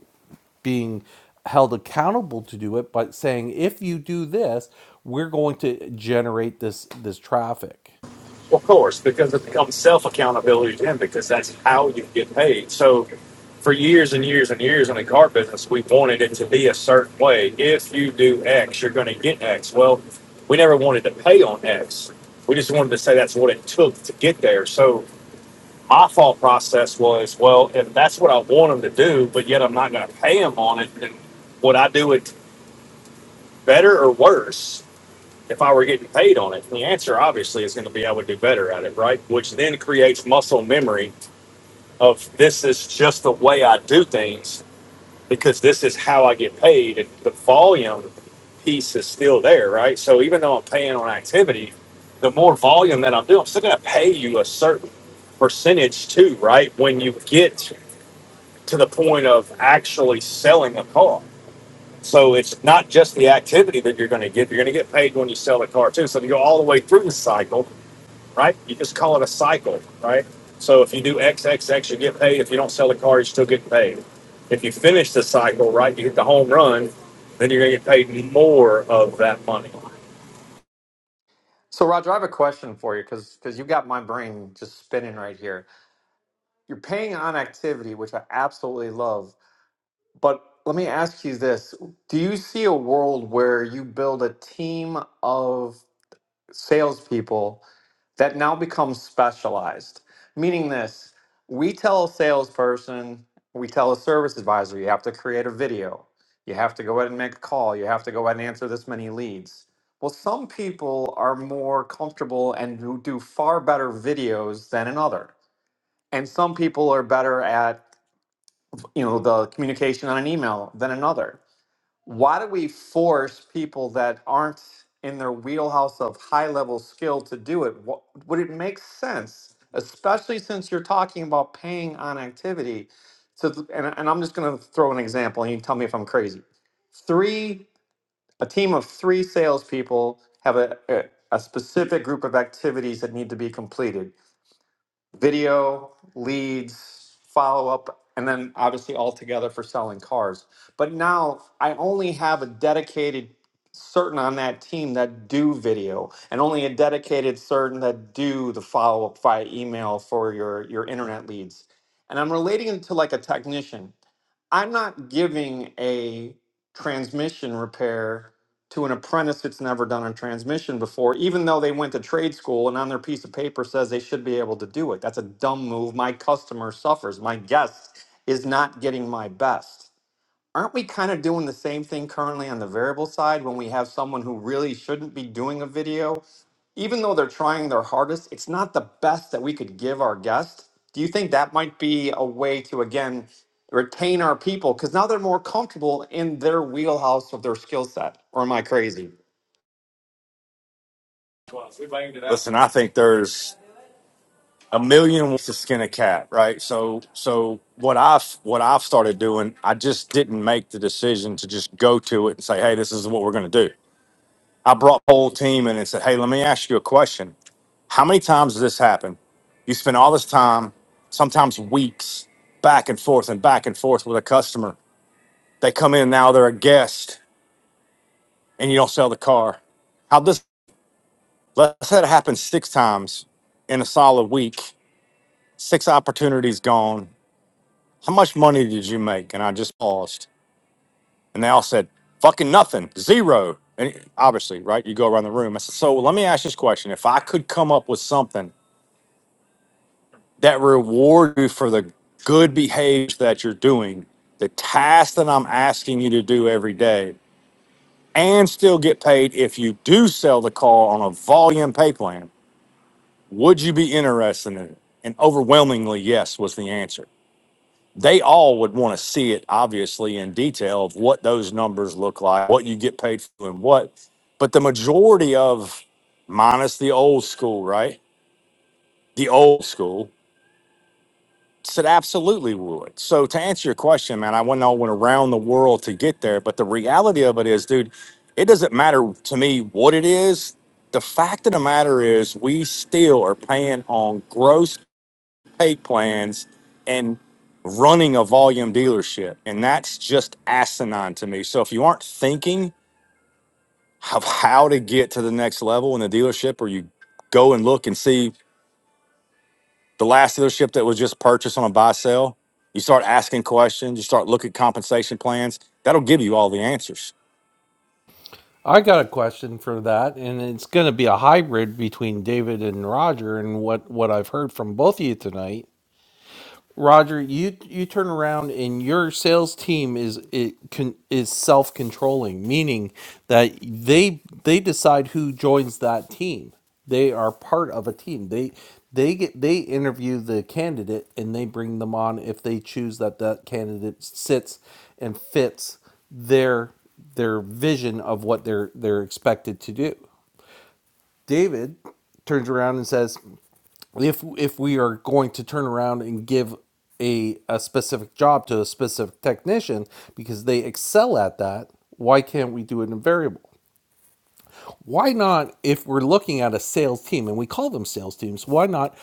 B: being held accountable to do it, but saying if you do this, we're going to generate this this traffic.
E: Of course, because it becomes self accountability to him because that's how you get paid. So for years and years and years in the car business, we wanted it to be a certain way. If you do X, you're going to get X. Well, we never wanted to pay on X. We just wanted to say that's what it took to get there. So my thought process was, well, if that's what I want them to do, but yet I'm not going to pay them on it, then would I do it better or worse? if I were getting paid on it? The answer obviously is going to be I would do better at it, right? Which then creates muscle memory of this is just the way I do things because this is how I get paid. And the volume piece is still there, right? So even though I'm paying on activity, the more volume that I'm doing, I'm still going to pay you a certain percentage too, right? When you get to the point of actually selling a car. So it's not just the activity that you're going to get. You're going to get paid when you sell the car too. So if you go all the way through the cycle, right? You just call it a cycle, right? So if you do X X X, you get paid. If you don't sell the car, you still get paid. If you finish the cycle, right, you hit the home run, then you're going to get paid more of that money.
A: So Roger, I have a question for you because because you have got my brain just spinning right here. You're paying on activity, which I absolutely love But let me ask you this. Do you see a world where you build a team of salespeople that now becomes specialized? Meaning this, we tell a salesperson, we tell a service advisor, you have to create a video, you have to go ahead and make a call, you have to go ahead and answer this many leads. Well, some people are more comfortable and do do far better videos than another. And some people are better at, you know, the communication on an email than another why do we force people that aren't in their wheelhouse of high level skill to do it? Wh- Would it make sense, especially since you're talking about paying on activity? So, th- and, and I'm just going to throw an example, and you tell me if I'm crazy. Three, a team of three salespeople have a, a, a specific group of activities that need to be completed video, leads, follow up, and then obviously all together for selling cars. But now I only have a dedicated certain on that team that do video and only a dedicated certain that do the follow up via email for your your internet leads. And I'm relating it to like a technician. I'm not giving a transmission repair to an apprentice that's never done a transmission before, even though they went to trade school and on their piece of paper says they should be able to do it. That's a dumb move. My customer suffers. My guest is not getting my best aren't we kind of doing the same thing currently on the variable side when we have someone who really shouldn't be doing a video? Even though they're trying their hardest, it's not the best that we could give our guest. Do you think that might be a way to, again, retain our people? Because now they're more comfortable in their wheelhouse of their skill set. Or am I crazy?
E: Listen, and forth with a customer. They come in, they're a guest. How this happens? in a week, security's gone. Now said, fucking nothing, zero. Obviously, go around the room. I said, so let me ask you this question. If I reward you for the good behavior that you're doing, the task that I'm asking you to do every day, and still get paid if you do sell the car on a volume pay plan. Would you be interested in it? And overwhelmingly, yes, was the answer. They all would want to see it, obviously, in detail of what those numbers look like, what you get paid for, and what. But the majority of minus the old school, right? The old school. said, absolutely would. So to answer your question, man, I went all went around the world to get there. But the reality of it is, dude, it doesn't matter to me what it is. The fact of the matter is we still are paying on gross pay plans and running a volume dealership. And that's just asinine to me. So if you aren't thinking of how to get to the next level in the dealership or you go and look and see The last dealership that was just purchased on a buy sale, you start asking questions, you start looking at compensation plans. That'll give you all the answers.
B: I got a question for that, and it's going to be a hybrid between David and Roger, and what what I've heard from both of you tonight Roger, you you turn around and your sales team is it can, is self controlling, meaning that they they decide who joins that team. They are part of a team. They they get they interview the candidate and they bring them on if they choose that that candidate sits and fits their their vision of what they're they're expected to do. David turns around and says, if if we are going to turn around and give a, a specific job to a specific technician because they excel at that, why can't we do it in a variable? why not if we're looking at a sales team and we call them sales teams why not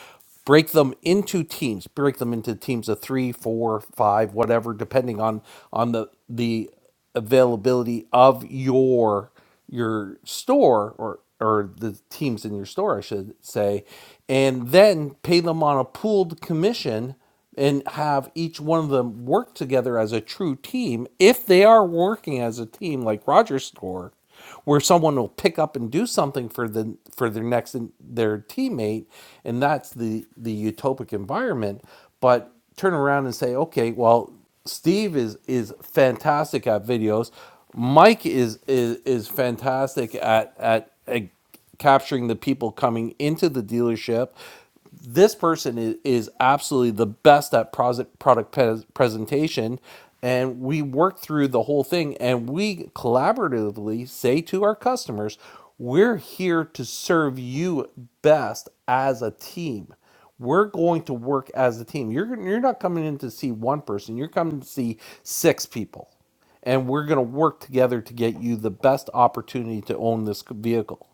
B: break them into teams break them into teams of three four five whatever depending on on the the availability of your your store or or the teams in your store I should say and then pay them on a pooled commission and have each one of them work together as a true team if they are working as a team like Roger's store where someone will pick up and do something for the for their next their teammate and that's the the utopic environment but turn around and say okay well steve is is fantastic at videos mike is is is fantastic at at, at capturing the people coming into the dealership this person is, is absolutely the best at pros- product pres presentation and we work through the whole thing and we collaboratively say to our customers we're here to serve you best as a team we're going to work as a team you're, you're not coming in to see one person you're coming to see six people and we're going to work together to get you the best opportunity to own this vehicle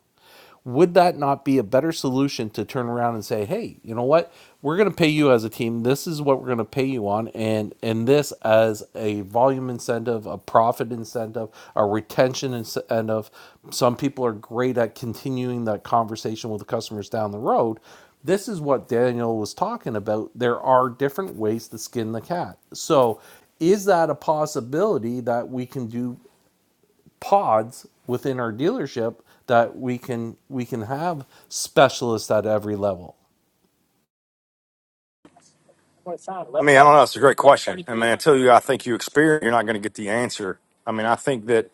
B: would that not be a better solution to turn around and say, "Hey, you know what? We're going to pay you as a team. This is what we're going to pay you on, and and this as a volume incentive, a profit incentive, a retention incentive. Some people are great at continuing that conversation with the customers down the road." this is what Daniel was talking about. There are different ways to skin the cat. So, is that a possibility that we can do pods within our dealership that we can we can have specialists at every level.
E: I mean, I don't know. It's a great question. I mean, until you, I think you experience, you're not going to get the answer. I mean, I think that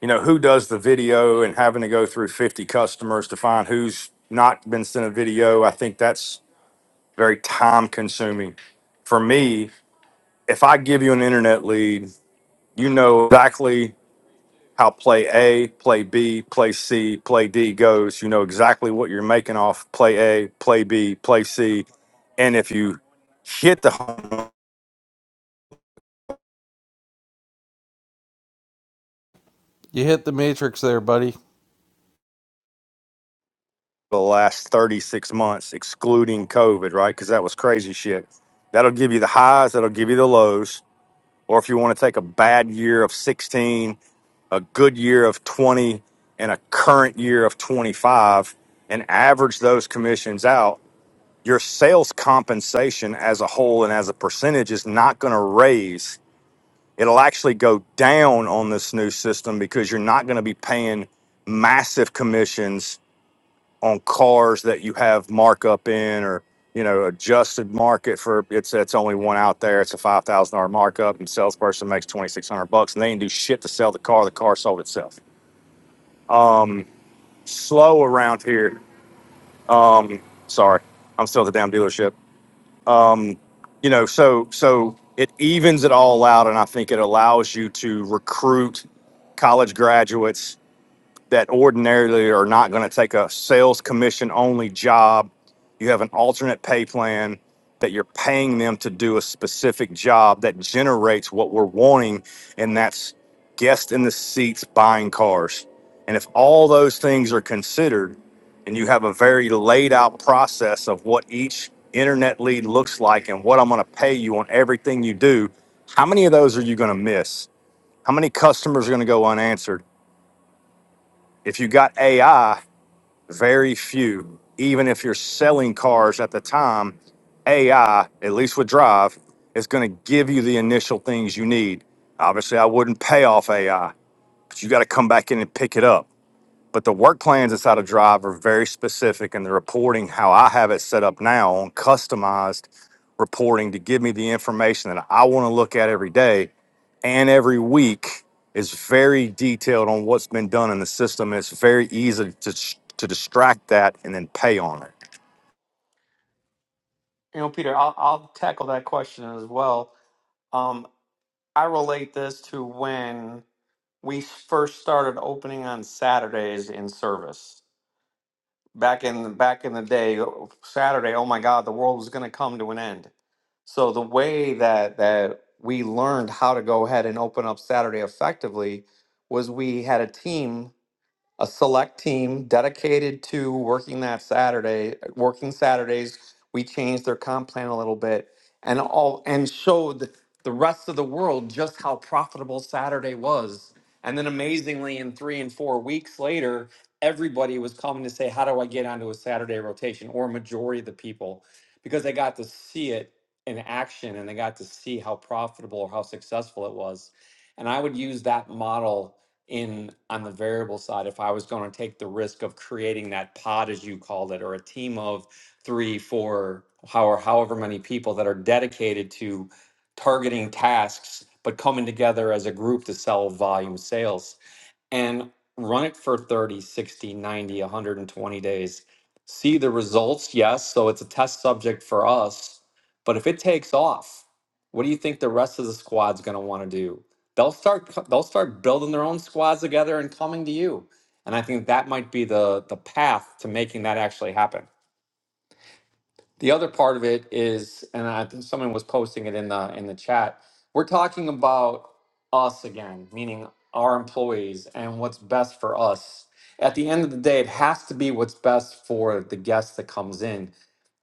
E: you know who does the video and having to go through 50 customers to find who's not been sent a video. I think that's very time consuming for me, if I give you an internet lead, you know exactly. how play A, play B, play C, play D goes. You know exactly what you're making off play A, play B, play C. And if you hit the home run
B: You hit the matrix there, buddy.
E: the last 36 months, excluding COVID, right? Because that was crazy shit. That'll give you the highs, that'll give you the lows. Or if you want to take a bad year of 16, a good year of 20, and a current year of 25 and average those commissions out your sales compensation as a whole and as a percentage is not going to raise. It'll actually go down on this new system because you're not going to be paying massive commissions on cars that you have markup in or you know adjusted market for it's it's only one out there it's a five thousand dollar markup and salesperson makes twenty six hundred bucks and they didn't do shit to sell the car the car sold itself um slow around here um sorry I'm still at the damn dealership you know so so it evens it all out and i think it allows you to recruit college graduates that ordinarily are not going to take a sales commission only job you have an alternate pay plan that you're paying them to do a specific job that generates what we're wanting and that's guest in the seats buying cars and if they're, they're ai very few, even if you're selling cars at the time, AI, at least with Drive, is going to give you the initial things you need. Obviously, I wouldn't pay off AI, but you got to come back in and pick it up. But the work plans inside of Drive are very specific, and the reporting, how I have it set up now on customized reporting to give me the information that I want to look at every day and every week, is very detailed on what's been done in the system. It's very easy to, to distract that and then pay on it.
A: You know, Peter, I'll, I'll tackle that question as well. Um, I relate this to when we first started opening on Saturdays in service back in the back in the day uh, saturday oh my god the world was going to come to an end so the way that that we learned how to go ahead and open up saturday effectively was we had a team a select team dedicated to working that Saturday, working Saturdays. We changed their comp plan a little bit and all and showed the rest of the world just how profitable Saturday was. And then amazingly, in three and four weeks later, everybody was coming to say, How do I get onto a Saturday rotation? Or majority of the people, because they got to see it in action and they got to see how profitable or how successful it was. And I would use that model in on the variable side if I was going to take the risk of creating that pod, as you called it, or a team of three, four, however, however many people that are dedicated to targeting tasks, but coming together as a group to sell volume sales and run it for 30, 60, 90, 120 days. See the results, yes. So it's a test subject for us. But if it takes off, what do you think the rest of the squad's going to want to do? They'll start co- they'll start building their own squads together and coming to you. And I think that might be the the path to making that actually happen. The other part of it is, and I think someone was posting it in the in the chat. We're talking about us again, meaning our employees and what's best for us. At the end of the day, it has to be what's best for the guest that comes in.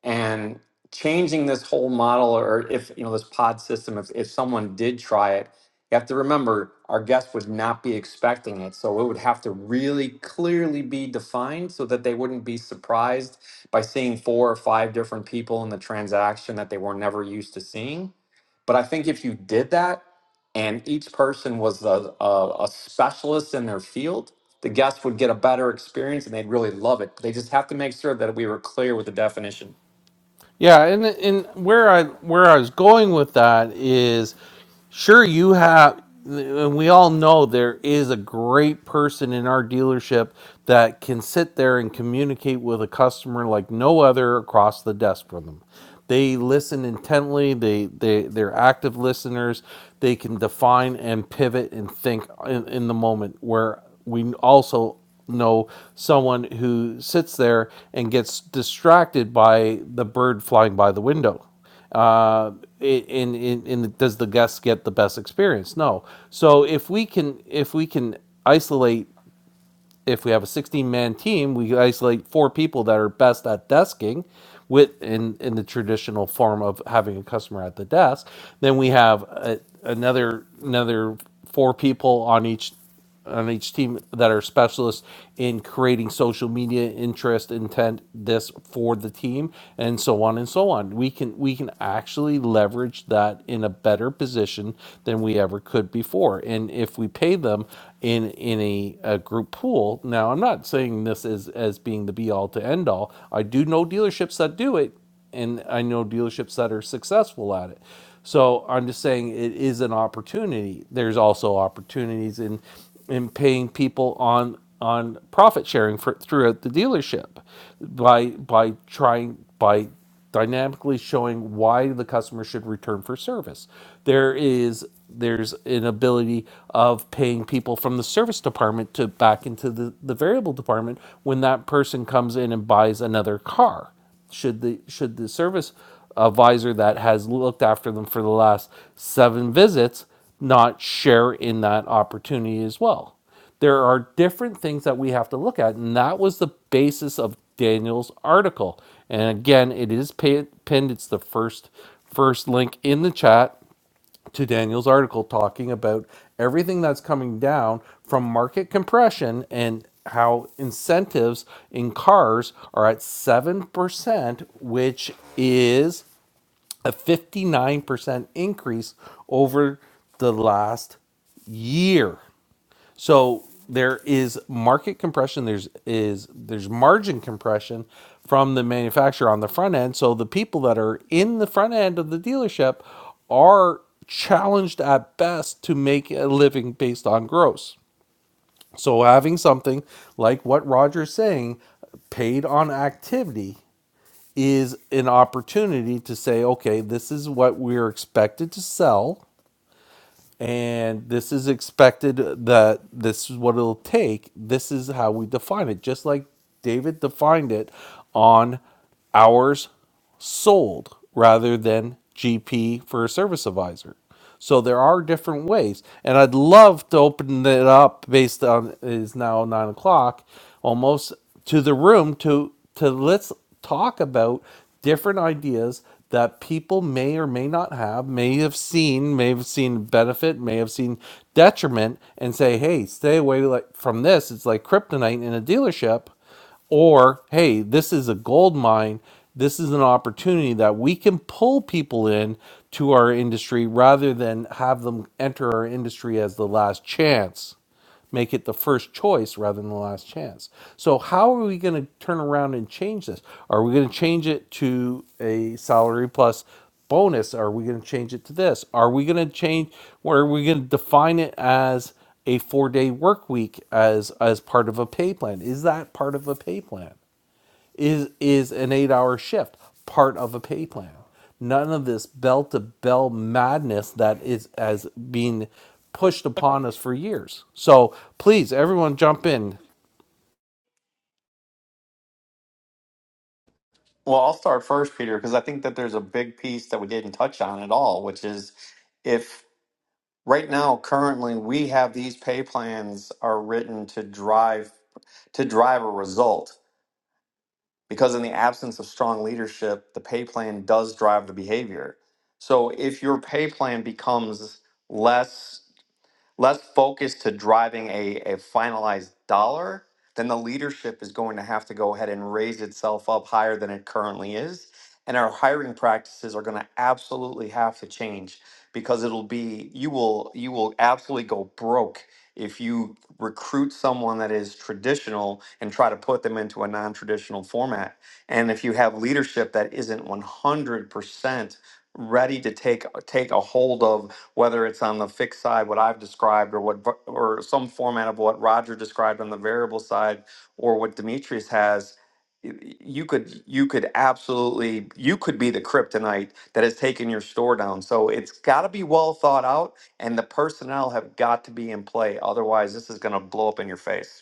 A: And changing this whole model, or if you know this pod system, if if someone did try it, you have to remember our guest would not be expecting it, so it would have to really clearly be defined so that they wouldn't be surprised by seeing four or five different people in the transaction that they were never used to seeing. But I think if you did that and each person was a, a, a specialist in their field, the guests would get a better experience and they'd really love it. They just have to make sure that we were clear with the definition.
B: Yeah, and and where I where I was going with that is, sure you have, and we all know there is a great person in our dealership that can sit there and communicate with a customer like no other across the desk from them. They listen intently. They they they're active listeners. They can define and pivot and think in, in the moment. Where we also know someone who sits there and gets distracted by the bird flying by the window. Uh, in, in, in does the guest get the best experience? No. So if we can if we can isolate if we have a 16 man team, we isolate four people that are best at desking with in, in the traditional form of having a customer at the desk. Then we have a, another another four people on each on each team that are specialists in creating social media interest intent this for the team and so on and so on we can we can actually leverage that in a better position than we ever could before and if we pay them in in a, a group pool. Now, I'm not saying this as as being the be all to end all. I do know dealerships that do it, and I know dealerships that are successful at it. So I'm just saying it is an opportunity. There's also opportunities in in paying people on on profit sharing for throughout the dealership by by trying by dynamically showing why the customer should return for service. There is there's an ability of paying people from the service department to back into the, the variable department when that person comes in and buys another car. Should the should the service advisor that has looked after them for the last seven visits not share in that opportunity as well? there are different things that we have to look at and that was the basis of daniel's article and again it is pinned it's the first first link in the chat to daniel's article talking about everything that's coming down from market compression and how incentives in cars are at 7% which is a 59% increase over the last year so there is market compression. There's is there's margin compression from the manufacturer on the front end. So the people that are in the front end of the dealership are challenged at best to make a living based on gross. So having something like what Roger's saying, paid on activity is an opportunity to say, okay, this is what we're expected to sell and this is expected that this is what it'll take. This is how we define it, just like David defined it on hours sold rather than GP for a service advisor. So there are different ways, and I'd love to open it up based on it is now nine o'clock, almost to the room to to let's talk about different ideas that people may or may not have, may have seen, may have seen benefit, may have seen detriment, and say, hey, stay away like from this. It's like kryptonite in a dealership. Or, hey, this is a gold mine. This is an opportunity that we can pull people in to our industry rather than have them enter our industry as the last chance make it the first choice rather than the last chance. So, how are we going to turn around and change this? Are we going to change it to a salary plus bonus? Are we going to change it to this? Are we going to change, or are we going to define it as a four day work week as, as part of a pay plan? Is that part of a pay plan? is is an eight hour shift part of a pay plan none of this bell to bell madness that is as being pushed upon us for years so please everyone jump in
A: Well, I'll start first, Peter, because I think that there's a big piece that we didn't touch on at all, which is if right now, currently, we have these pay plans are written to drive to drive a result. because in the absence of strong leadership, the pay plan does drive the behavior. So if your pay plan becomes less less focused to driving a, a finalized dollar, then the leadership is going to have to go ahead and raise itself up higher than it currently is. And our hiring practices are going to absolutely have to change because it'll be you will you will absolutely go broke if you recruit someone that is traditional and try to put them into a non-traditional format and if you have leadership that isn't 100% ready to take take a hold of whether it's on the fixed side, what I've described, or what or some format of what Roger described on the variable side, or what Demetrius has, y- you could you could absolutely you could be the kryptonite that has taken your store down. So it's got to be well thought out, and the personnel have got to be in play. Otherwise, this is going to blow up in your face.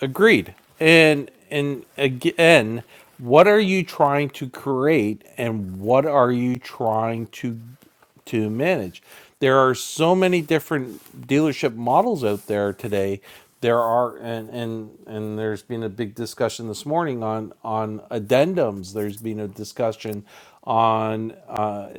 B: Agreed. And and again, what are you trying to create and what are you trying to to manage? There are so many different dealership models out there today. There are and and and there's been a big discussion this morning on on addendums. There's been a discussion on uh,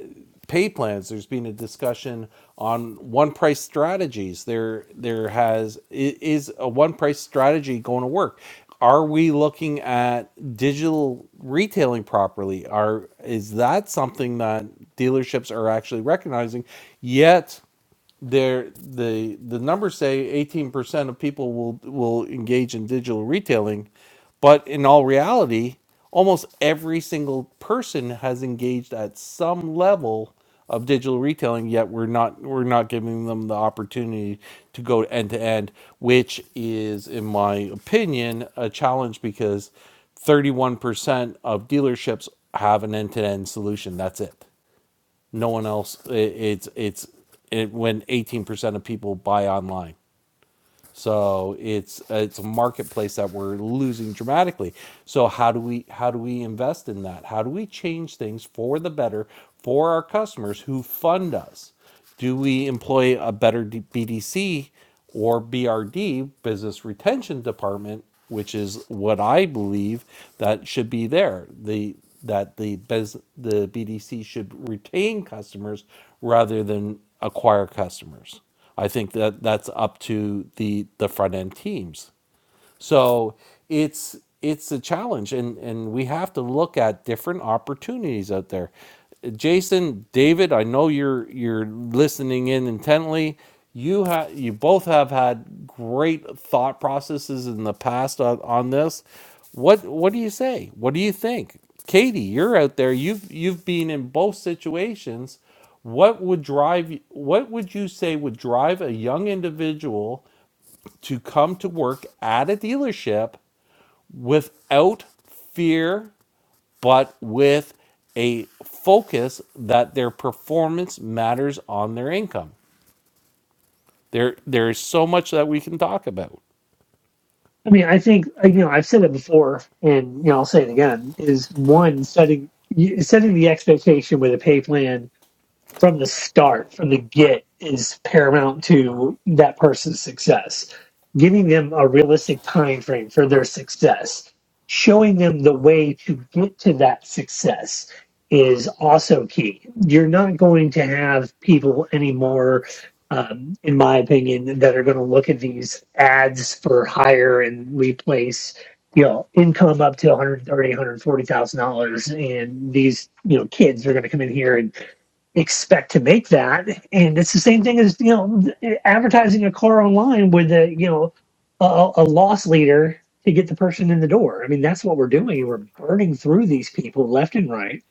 B: pay plans. There's been a discussion on one price strategies. There, there has is a one price strategy going to work. Are we looking at digital retailing properly? Are is that something that dealerships are actually recognizing? Yet there the the numbers say 18% of people will will engage in digital retailing but in all reality almost every single person has engaged at some level of digital retailing yet we're not we're not giving them the opportunity to go end to end which is in my opinion a challenge because 31% of dealerships have an end to end solution that's it no one else. It, it's it's it, when eighteen percent of people buy online. So it's it's a marketplace that we're losing dramatically. So how do we how do we invest in that? How do we change things for the better for our customers who fund us? Do we employ a better BDC or BRD, business retention department, which is what I believe that should be there. The that the bus the BDC should retain customers rather than acquire customers. I think that that's up to the the front end teams. So it's it's a challenge, and and we have to look at different opportunities out there. Jason, David, I know you're you're listening in intently. You have you both have had great thought processes in the past on, on this. What what do you say? What do you think? Katie, you're out there. You've you've been in both situations. What would drive what would you say would drive a young individual to come to work at a dealership without fear, but with a focus that their performance matters on their income. There, there is so much that we can talk about.
H: I mean, I think uh, you know I've said it before, and you know I'll say it again: is one setting y- setting the expectation with a pay plan from the start, from the get, is paramount to that person's success. Giving them a realistic time frame for their success, showing them the way to get to that success is also key. You're not going to have people anymore, um, in my opinion, that are going to look at these ads for hire and replace. You know, income up to one hundred thirty, one hundred forty thousand dollars, and these you know kids are going to come in here and expect to make that. And it's the same thing as you know advertising a car online with a you know a, a loss leader to get the person in the door. I mean that's what we're doing. We're burning through these people left and right.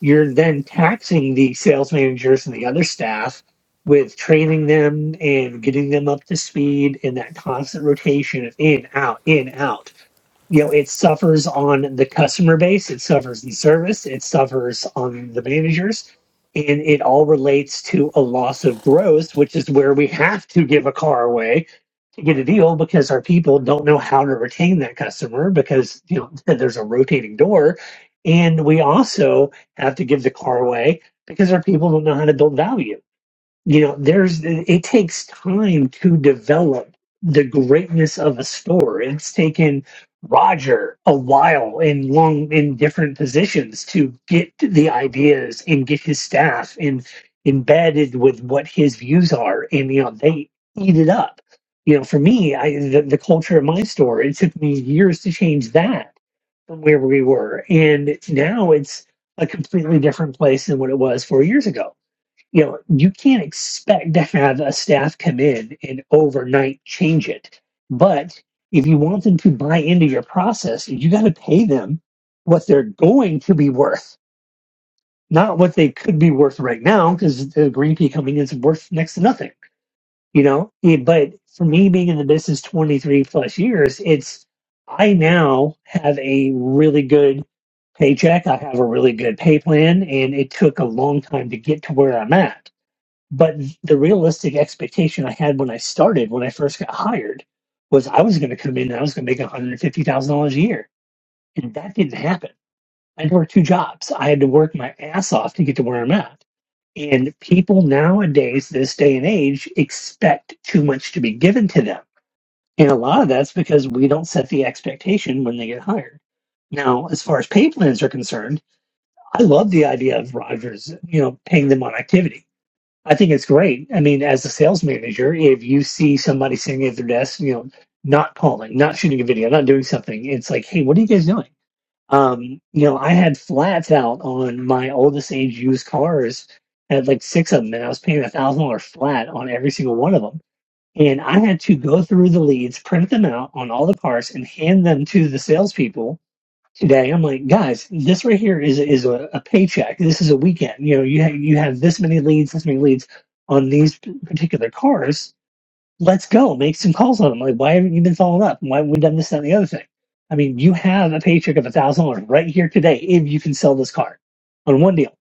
H: You're then taxing the sales managers and the other staff with training them and getting them up to speed and that constant rotation of in out in out you know it suffers on the customer base it suffers in service it suffers on the managers and it all relates to a loss of growth which is where we have to give a car away to get a deal because our people don't know how to retain that customer because you know there's a rotating door and we also have to give the car away because our people don't know how to build value you know there's it takes time to develop the greatness of a store it's taken roger a while and long in different positions to get the ideas and get his staff in embedded with what his views are and you know they eat it up you know for me i the, the culture of my store it took me years to change that from where we were and now it's a completely different place than what it was four years ago you know, you can't expect to have a staff come in and overnight change it. But if you want them to buy into your process, you got to pay them what they're going to be worth, not what they could be worth right now, because the green pea coming in is worth next to nothing, you know? Yeah, But for me being in the business 23 plus years, it's, I now have a really good paycheck. I have a really good pay plan, and it took a long time to get to where I'm at but the realistic expectation I had when I started, when I first got hired, was I was going to come in and I was going to make $150,000 a year. And that didn't happen. I had to work two jobs. I had to work my ass off to get to where I'm at. And people nowadays, this day and age, expect too much to be given to them. And a lot of that's because we don't set the expectation when they get hired. Now, as far as pay plans are concerned, I love the idea of Rogers, you know, paying them on activity I think it's great. I mean, as a sales manager, if you see somebody sitting at their desk, you know, not calling, not shooting a video, not doing something, it's like, hey, what are you guys doing? Um, you know, I had flats out on my oldest age used cars. I had like six of them, and I was paying a thousand dollar flat on every single one of them. And I had to go through the leads, print them out on all the cars, and hand them to the salespeople today. I'm like, guys, this right here is is a, a paycheck. This is a weekend. You know, you have, you have this many leads, this many leads on these p- particular cars. Let's go make some calls on them. Like, why haven't you been following up? Why haven't we done this that, and the other thing? I mean, you have a paycheck of a thousand dollars right here today if you can sell this car on one deal.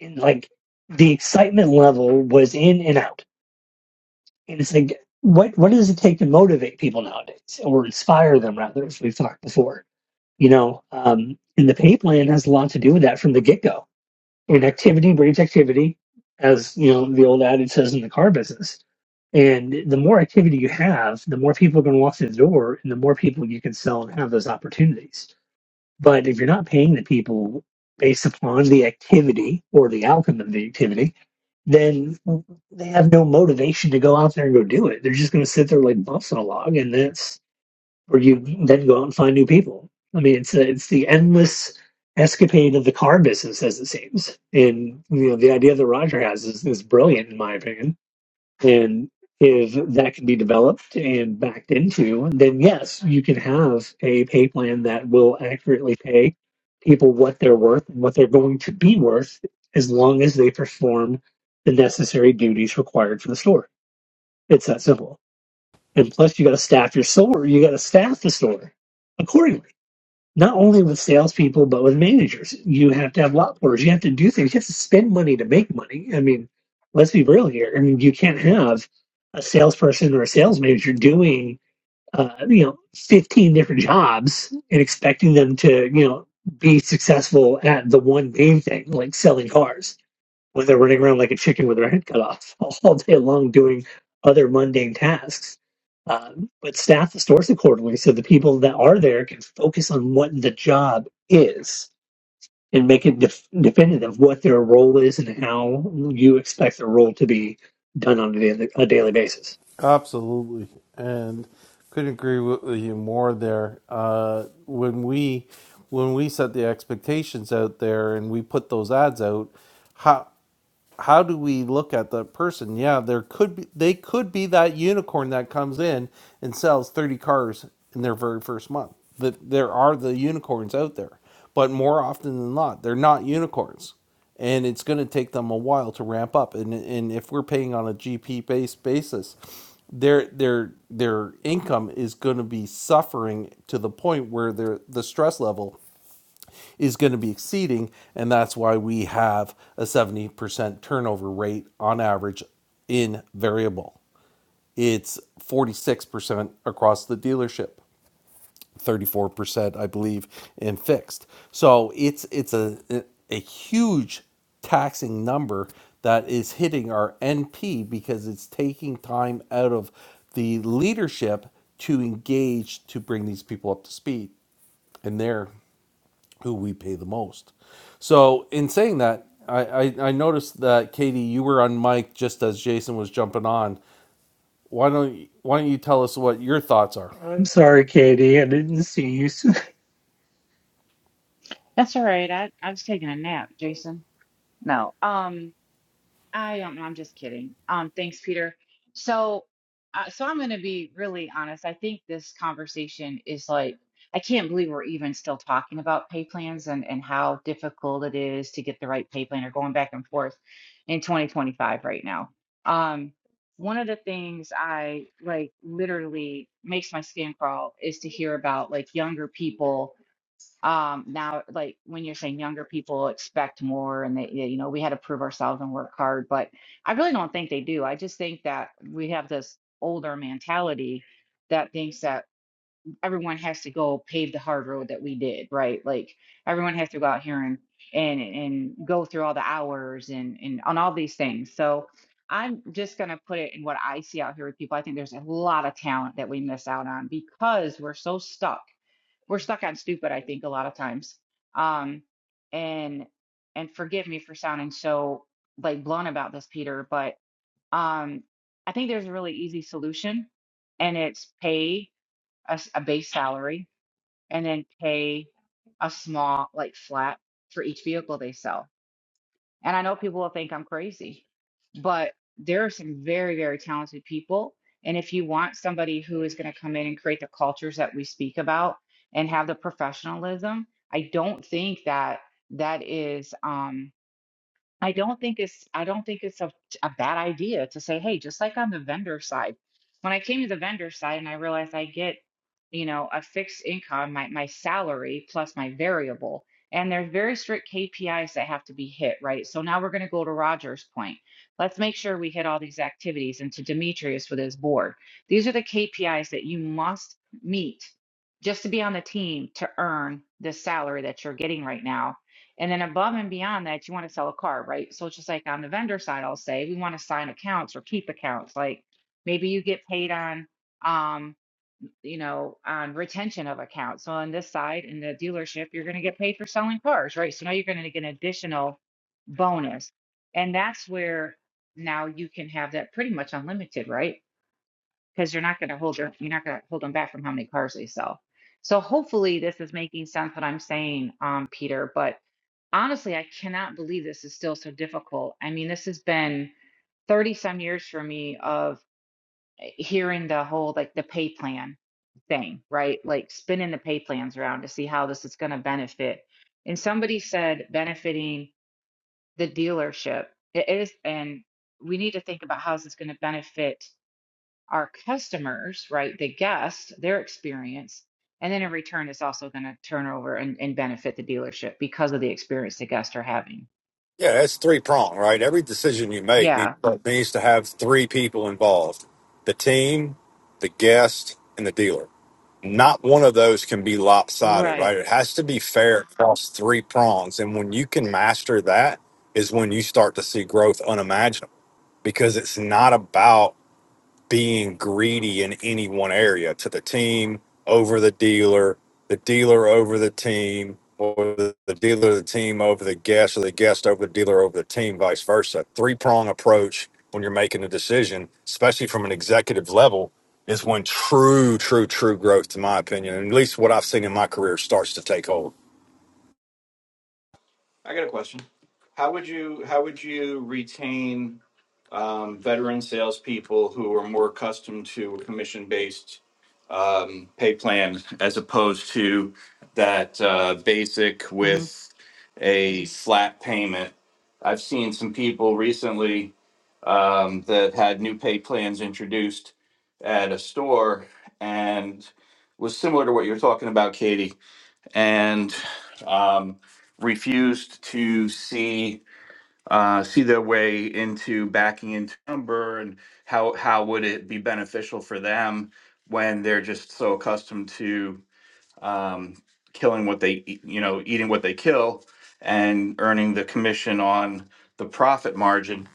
H: And like, the excitement level was in and out. And it's like, what what does it take to motivate people nowadays or inspire them rather, as we've talked before? you know um, and the pay plan has a lot to do with that from the get-go and activity breeds activity as you know the old adage says in the car business and the more activity you have the more people are going to walk through the door and the more people you can sell and have those opportunities but if you're not paying the people based upon the activity or the outcome of the activity then they have no motivation to go out there and go do it they're just going to sit there like bumps on a log and that's where you then go out and find new people. I mean, it's a, it's the endless escapade of the car business, as it seems. And you know, the idea that Roger has is, is brilliant, in my opinion. And if that can be developed and backed into, then yes, you can have a pay plan that will accurately pay people what they're worth and what they're going to be worth, as long as they perform the necessary duties required for the store. It's that simple. And plus, you got to staff your store. You got to staff the store accordingly, not only with salespeople, but with managers. You have to have lot porters. You have to do things. You have to spend money to make money. I mean, let's be real here. I mean, you can't have a salesperson or a sales manager doing, uh, you know, 15 different jobs and expecting them to, you know, be successful at the one main thing, like selling cars when they're running around like a chicken with their head cut off all day long doing other mundane tasks. Um, but staff the stores accordingly so the people that are there can focus on what the job is and make it def- definitive of what their role is and how you expect their role to be done on a daily, a daily basis.
B: Absolutely, and couldn't agree with you more there. Uh, when we when we set the expectations out there and we put those ads out, how. how do we look at the person? Yeah, there could be they could be that unicorn that comes in and sells 30 cars in their very first month. That there are the unicorns out there, but more often than not, they're not unicorns. And it's going to take them a while to ramp up. And and if we're paying on a GP based basis, their their their income is going to be suffering to the point where their the stress level is going to be exceeding, and that's why we have a 70% turnover rate on average in variable. It's 46% across the dealership, 34% I believe in fixed. So it's it's a a huge taxing number that is hitting our NP because it's taking time out of the leadership to engage to bring these people up to speed. And they're who we pay the most. So, in saying that, I, I, I noticed that Katie, you were on mic just as Jason was jumping on. Why don't you, why don't you tell us what your thoughts are?
H: I'm sorry, Katie. I didn't see you. s-
I: That's all right. I, I was taking a nap, Jason. No, um, I don't know. I'm just kidding. Um, thanks, Peter. So, uh, so I'm going to be really honest. I think this conversation is like, I can't believe we're even still talking about pay plans and, and how difficult it is to get the right pay plan or going back and forth in 2025 right now. Um, one of the things I like literally makes my skin crawl is to hear about like younger people um, now, like when you're saying younger people expect more and they, you know, we had to prove ourselves and work hard, but I really don't think they do. I just think that we have this older mentality that thinks that everyone has to go pave the hard road that we did, right? Like everyone has to go out here and and and go through all the hours and and on all these things. So I'm just gonna put it in what I see out here with people. I think there's a lot of talent that we miss out on because we're so stuck we're stuck on stupid i think a lot of times um and and forgive me for sounding so like blunt about this peter but um i think there's a really easy solution and it's pay a, s- a base salary and then pay a small like flat for each vehicle they sell and I know people will think I'm crazy, but there are some very, very talented people. And if you want somebody who is going to come in and create the cultures that we speak about and have the professionalism, I don't think that that is. Um, I don't think it's I don't think it's a, a bad idea to say, hey, just like on the vendor side, when I came to the vendor side and I realized I get, you know, a fixed income, my my salary plus my variable, and there's very strict KPIs that have to be hit, right? So now we're going to go to Roger's point. Let's make sure we hit all these activities, and to Demetrius with his board, these are the KPIs that you must meet just to be on the team to earn the salary that you're getting right now and then above and beyond that, you want to sell a car, right? So it's just like on the vendor side, I'll say we want to sign accounts or keep accounts. Like maybe you get paid on, um, you know, on retention of accounts. So on this side, in the dealership, you're going to get paid for selling cars, right? So now you're going to get an additional bonus, and that's where now you can have that pretty much unlimited, right? Because you're not going to hold your, you're not going to hold them back from how many cars they sell. So hopefully this is making sense what I'm saying, um, Peter, but honestly, I cannot believe this is still so difficult. I mean, this has been 30 some years for me of eh, hearing the whole like the pay plan thing, right? Like spinning the pay plans around to see how this is going to benefit. And somebody said benefiting the dealership. It is, and we need to think about how this is going to benefit our customers, right? The guests, their experience. And then in return, it's also going to turn over and, and benefit the dealership because of the experience the guests are having.
E: Yeah, that's three prong, right? Every decision you make
I: Yeah.
E: need, needs to have three people involved: the team, the guest, and the dealer. Not one of those can be lopsided,
I: Right.
E: right? It has to be fair across three prongs. And when you can master that, is when you start to see growth unimaginable because it's not about being greedy in any one area to the team over the dealer, the dealer over the team, or the, the dealer, the team over the guest, or the guest over the dealer over the team, vice versa. Three prong approach when you're making a decision, especially from an executive level, is when true, true, true growth, to my opinion, and at least what I've seen in my career, starts to take hold.
J: I got a question. How would you how would you retain um, veteran salespeople who are more accustomed to a commission based um, pay plan as opposed to that uh, basic
I: hmm
J: with a flat payment? I've seen some people recently um, that had new pay plans introduced at a store and was similar to what you're talking about, Katie and um, refused to see uh, see their way into backing into number and how how would it be beneficial for them when they're just so accustomed to um, killing what they eat- you know eating what they kill and earning the commission on the profit margin.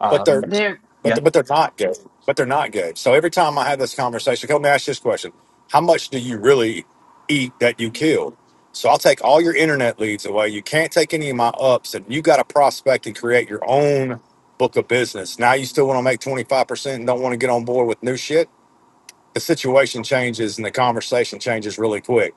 J: Um,
I: There,
E: But th- but they're not good. But they're not good. So every time I have this conversation, okay, let me ask you this question: How much do you really eat that you killed? So I'll take all your internet leads away. You can't take any of my ups, and you got to prospect and create your own book of business. Now you still want to make twenty five percent and don't want to get on board with new shit. The situation changes and the conversation changes really quick.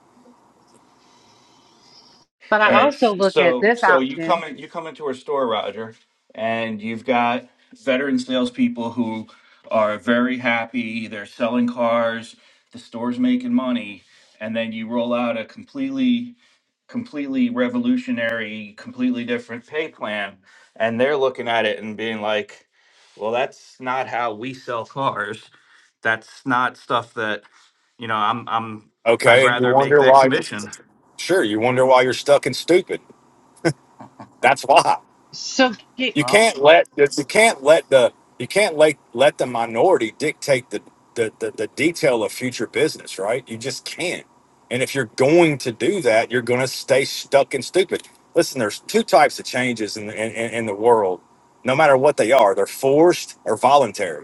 I: but
J: All
I: I
J: right.
I: also look at
J: So
I: this
J: so you come
I: option.
J: in, you come into our store, Roger, and you've got veteran salespeople who are very happy. They're selling cars. The store's making money, and then you roll out a completely completely revolutionary, completely different pay plan, and they're looking at it and being like, "Well, that's not how we sell cars. That's not stuff that you know. I'm I'm I'd
E: Okay, and you
J: rather make
E: wonder
J: that
E: why.
J: commission."
E: Sure, you wonder why you're stuck and stupid. That's why.
I: So, Ga-
E: you
J: Well,
E: can't let you can't let the you can't let let the minority dictate the the, the the detail of future business right you just can't and if you're going to do that you're going to stay stuck and stupid listen there's two types of changes in, the, in in in the world no matter what they are they're forced or voluntary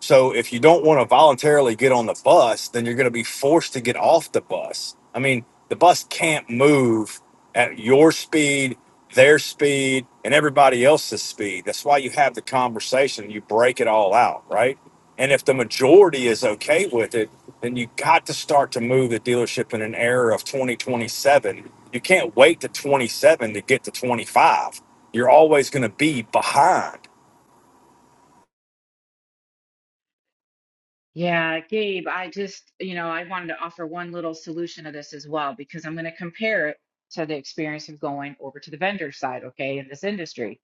E: so if you don't want to voluntarily get on the bus, then you're going to be forced to get off the bus. I mean, the bus can't move at your speed, their speed, and everybody else's speed. That's why you have the conversation, you break it all out, right? And if the majority is okay with it, then you got to start to move the dealership in an era of 2027. You can't wait to 27 to get to 25. You're always going to be behind
I: yeah, Gabe, I just, you know, I wanted to offer one little solution to this as well because I'm going to compare it to the experience of going over to the vendor side, okay, in this industry.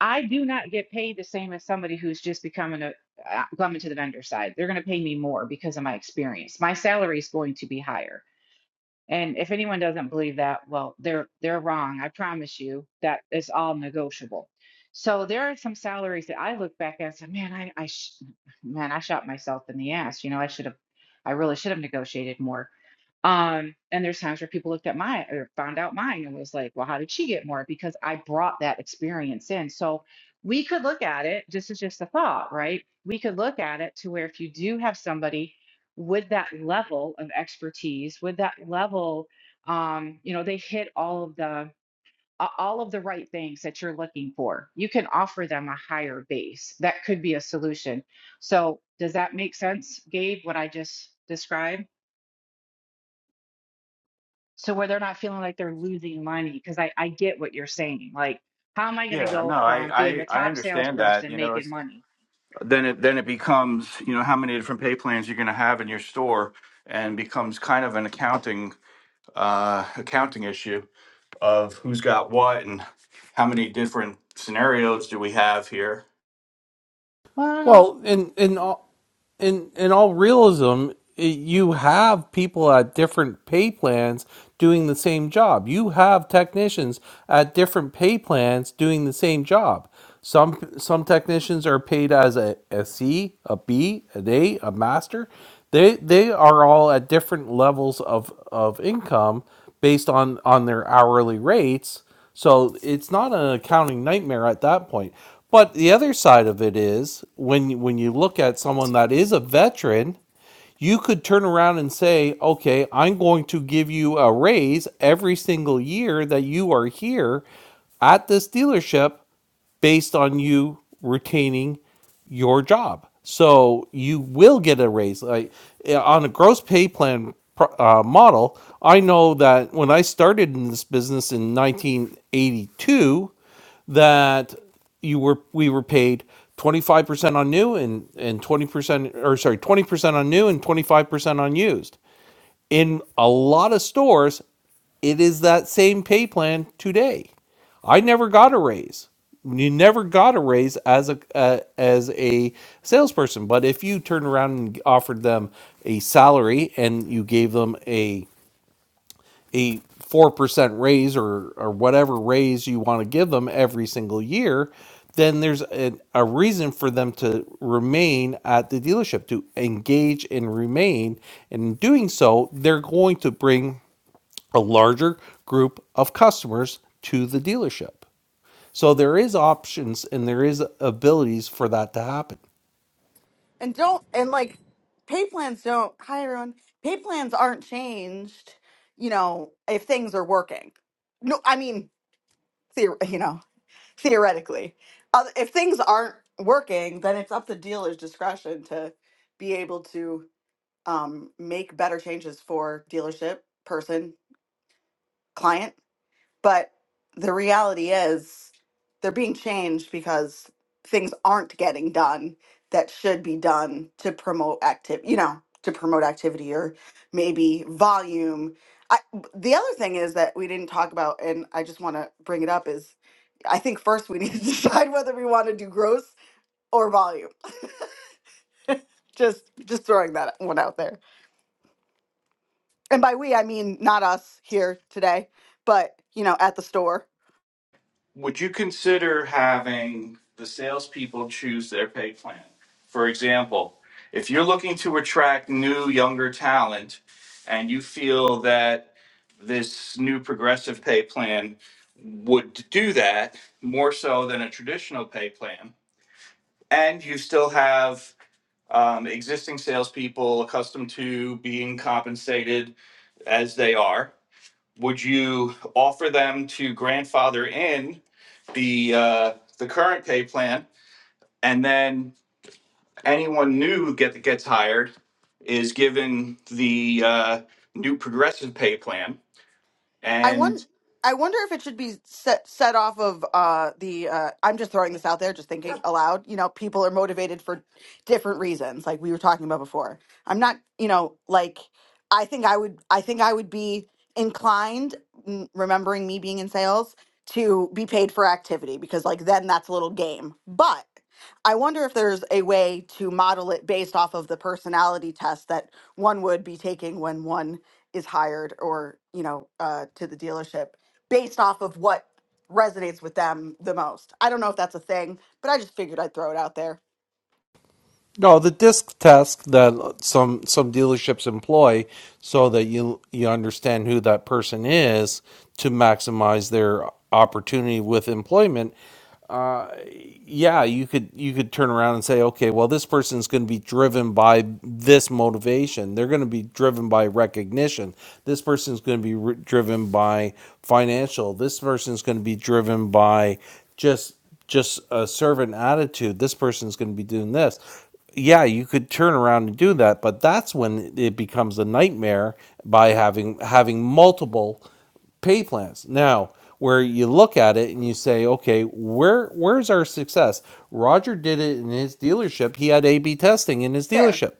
I: I do not get paid the same as somebody who's just becoming a uh, coming to the vendor side. They're going to pay me more because of my experience. My salary is going to be higher. And if anyone doesn't believe that, well, they're they're wrong. I promise you that it's all negotiable. So there are some salaries that I look back at and say, man, I, I sh- man, I shot myself in the ass. You know, I should have, I really should have negotiated more um, and there's times where people looked at mine or found out mine and was like, well, how did she get more? Because I brought that experience in. So we could look at it, this is just a thought, right? We could look at it to where if you do have somebody with that level of expertise, with that level, um, you know, they hit all of the a- all of the right things that you're looking for. You can offer them a higher base. That could be a solution. So does that make sense, Gabe, what I just described? so where they're not feeling like they're losing money because I, I get what you're saying like how am i going to
J: Yeah, no,
I: go
J: I,
I: from being
J: I,
I: the
J: I
I: top
J: understand that.
I: salesperson
J: You know,
I: making
J: it's,
I: money
J: then it then it becomes you know how many different pay plans you're going to have in your store, and becomes kind of an accounting uh, accounting issue of who's got what and how many different scenarios do we have here.
I: well
B: Well, in in all in in all realism, you have people at different pay plans doing the same job. You have technicians at different pay plans doing the same job. Some some technicians are paid as a, a C, a B, an A, a master. They they are all at different levels of of income based on on their hourly rates so it's not an accounting nightmare at that point. But the other side of it is when when you look at someone that is a veteran, you could turn around and say, "Okay, I'm going to give you a raise every single year that you are here at this dealership based on you retaining your job. So you will get a raise. Like eh, on a gross pay plan uh, model, I know that when I started in this business in 1982, that you were we were paid 25% on new and and 20% or sorry 20% on new and 25% on used in a lot of stores, it is that same pay plan today. I never got a raise. You never got a raise as a uh, as a salesperson, but if you turned around and offered them a salary and you gave them a a 4% raise or, or whatever raise you want to give them every single year, then there's a, a reason for them to remain at the dealership, to engage and remain. And in doing so, they're going to bring a larger group of customers to the dealership. So there is options and there is abilities for that to happen.
K: And don't and like pay plans don't hi everyone. Pay plans aren't changed, you know, if things are working. No, I mean, theor- you know, theoretically. Uh, if things aren't working, then it's up to dealer's discretion to be able to um, make better changes for dealership, person, client. But the reality is they're being changed because things aren't getting done that should be done to promote activity, you know, to promote activity or maybe volume. I, the other thing is that we didn't talk about, and I just want to bring it up, is I think first we need to decide whether we want to do gross or volume. Just just throwing that one out there. And by we I mean not us here today, but you know, at the store
J: would you consider having the salespeople choose their pay plan? For example, if you're looking to attract new, younger talent and you feel that this new progressive pay plan would do that more so than a traditional pay plan, and you still have um, existing salespeople accustomed to being compensated as they are, would you offer them to grandfather in the uh, the current pay plan, and then anyone new get gets hired is given the uh, new progressive pay plan,
K: I
J: and
K: want. I wonder if it should be set set off of uh, the. Uh, I'm just throwing this out there, just thinking aloud. You know, people are motivated for different reasons, like we were talking about before. I'm not. You know, like I think I would. I think I would be inclined, n- remembering me being in sales, to be paid for activity because, like, then that's a little game. But I wonder if there's a way to model it based off of the personality test that one would be taking when one is hired or you know uh, to the dealership based off of what resonates with them the most i don't know if that's a thing but i just figured i'd throw it out there
B: No, the disc test that some some dealerships employ so that you you understand who that person is to maximize their opportunity with employment yeah, you could you could turn around and say, okay, well, this person's going to be driven by this motivation. They're going to be driven by recognition. This person's going to be re- driven by financial. This person's going to be driven by just just a servant attitude. This person's going to be doing this. Yeah, you could turn around and do that, but that's when it becomes a nightmare by having having multiple pay plans. Now, where you look at it and you say, okay, where where's our success? Roger did it in his dealership. He had A B testing in his
K: fair
B: dealership.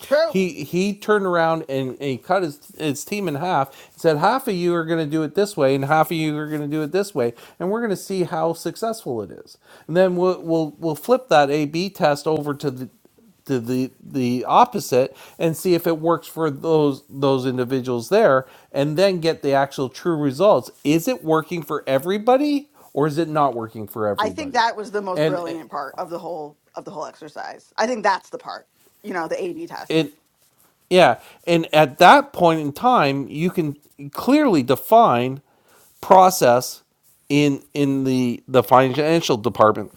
K: true
B: He he turned around and, and he cut his his team in half. and Said half of you are going to do it this way, and half of you are going to do it this way, and we're going to see how successful it is. And then we'll we'll, we'll flip that A B test over to the to the the opposite and see if it works for those those individuals there and then get the actual true results is it working for everybody or is it not working for
K: i think
B: everybody
K: that was the most
B: and
K: brilliant part of the whole of the whole exercise i think that's the part you know the ab test
B: it Yeah, and at that point in time, you can clearly define process in in the the financial department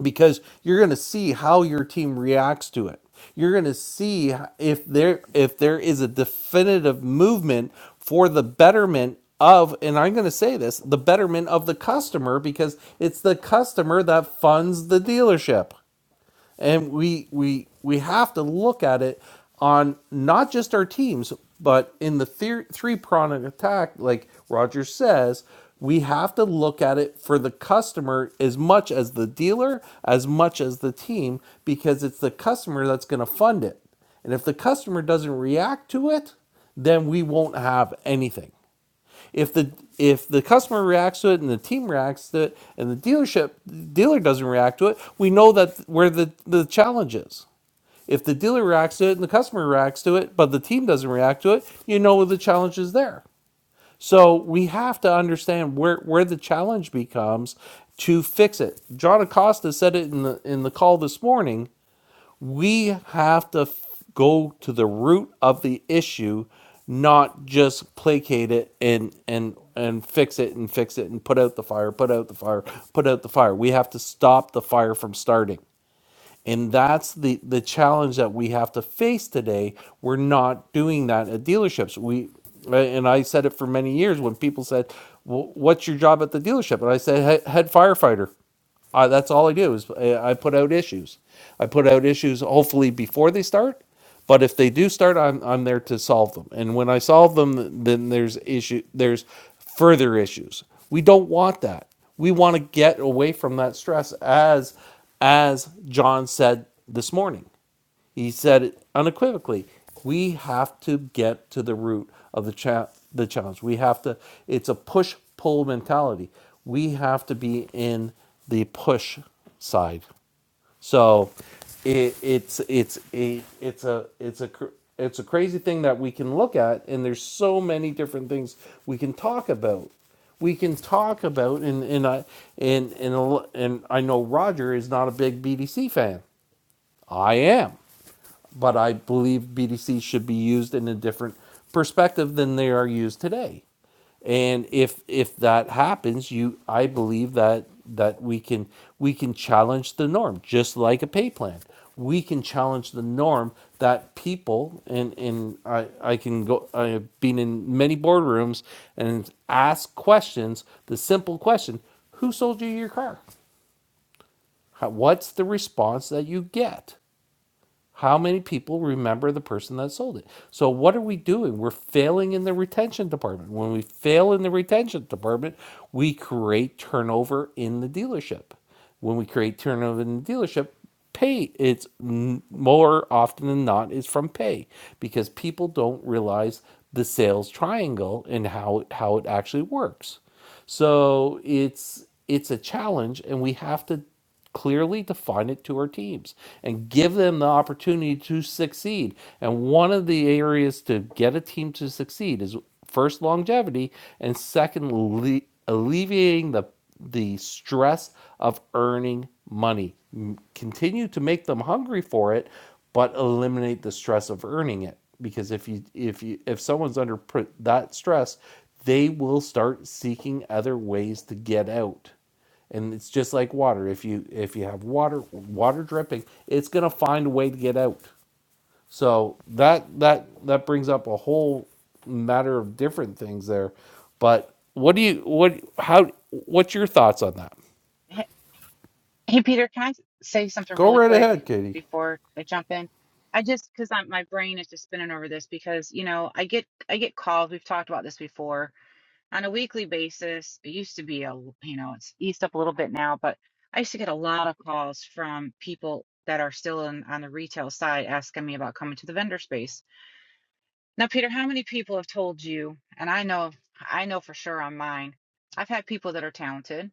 B: because you're going to see how your team reacts to it. You're going to see if there if there is a definitive movement for the betterment of and I'm going to say this, the betterment of the customer because it's the customer that funds the dealership and we we we have to look at it on not just our teams but in the three three pronged attack like roger says we have to look at it for the customer as much as the dealer as much as the team because it's the customer that's going to fund it and if the customer doesn't react to it then we won't have anything if the if the customer reacts to it and the team reacts to it and the dealership dealer doesn't react to it, we know that where the the challenge is. If the dealer reacts to it and the customer reacts to it, but the team doesn't react to it, you know where the challenge is there. So we have to understand where where the challenge becomes to fix it. John Acosta said it in the in the call this morning we have to f- go to the root of the issue not just placate it and and and fix it and fix it and put out the fire put out the fire put out the fire we have to stop the fire from starting and that's the, the challenge that we have to face today. We're not doing that at dealerships. We uh, and I said it for many years when people said, well, "What's your job at the dealership?" And I said, "He- "Head firefighter." I, that's all I do is uh, I put out issues. I put out issues hopefully before they start, but if they do start, I'm, I'm there to solve them. And when I solve them, then there's issue. There's further issues. We don't want that. We want to get away from that stress, as as John said this morning. He said it unequivocally. We have to get to the root of the cha- the challenge. We have to. It's a push pull mentality. We have to be in the push side so it, it's it's a it's a it's a cr- it's a crazy thing that we can look at, and there's so many different things we can talk about. We can talk about, and and I and and a lo- and I know Roger is not a big BDC fan. I am but I believe BDC should be used in a different perspective than they are used today. And if if that happens, you I believe that that we can we can challenge the norm, just like a pay plan. We can challenge the norm that people and and I, I can go I have been in many boardrooms and ask questions, the simple question, who sold you your car? How, what's the response that you get? How many people remember the person that sold it? So what are we doing? We're failing in the retention department. When we fail in the retention department, we create turnover in the dealership. When we create turnover in the dealership, pay it's more often than not is from pay because people don't realize the sales triangle and how how it actually works. So it's it's a challenge and we have to clearly define it to our teams and give them the opportunity to succeed. And one of the areas to get a team to succeed is first longevity and second alle- alleviating the the stress of earning money. M- Continue to make them hungry for it, but eliminate the stress of earning it because if you if you if someone's under pr- that stress, they will start seeking other ways to get out and it's just like water if you if you have water water dripping it's going to find a way to get out so that that that brings up a whole matter of different things there but what do you what how what's your thoughts on that
I: hey, hey, peter can i s- say something
B: go
I: really
B: right
I: quick
B: ahead katie
I: before i jump in i just because i'm my brain is just spinning over this because you know i get i get calls we've talked about this before on a weekly basis it used to be a l- you know it's eased up a little bit now but i used to get a lot of calls from people that are still in, on the retail side asking me about coming to the vendor space Now, Peter, how many people have told you, and I know, I know for sure on mine, I've had people that are talented.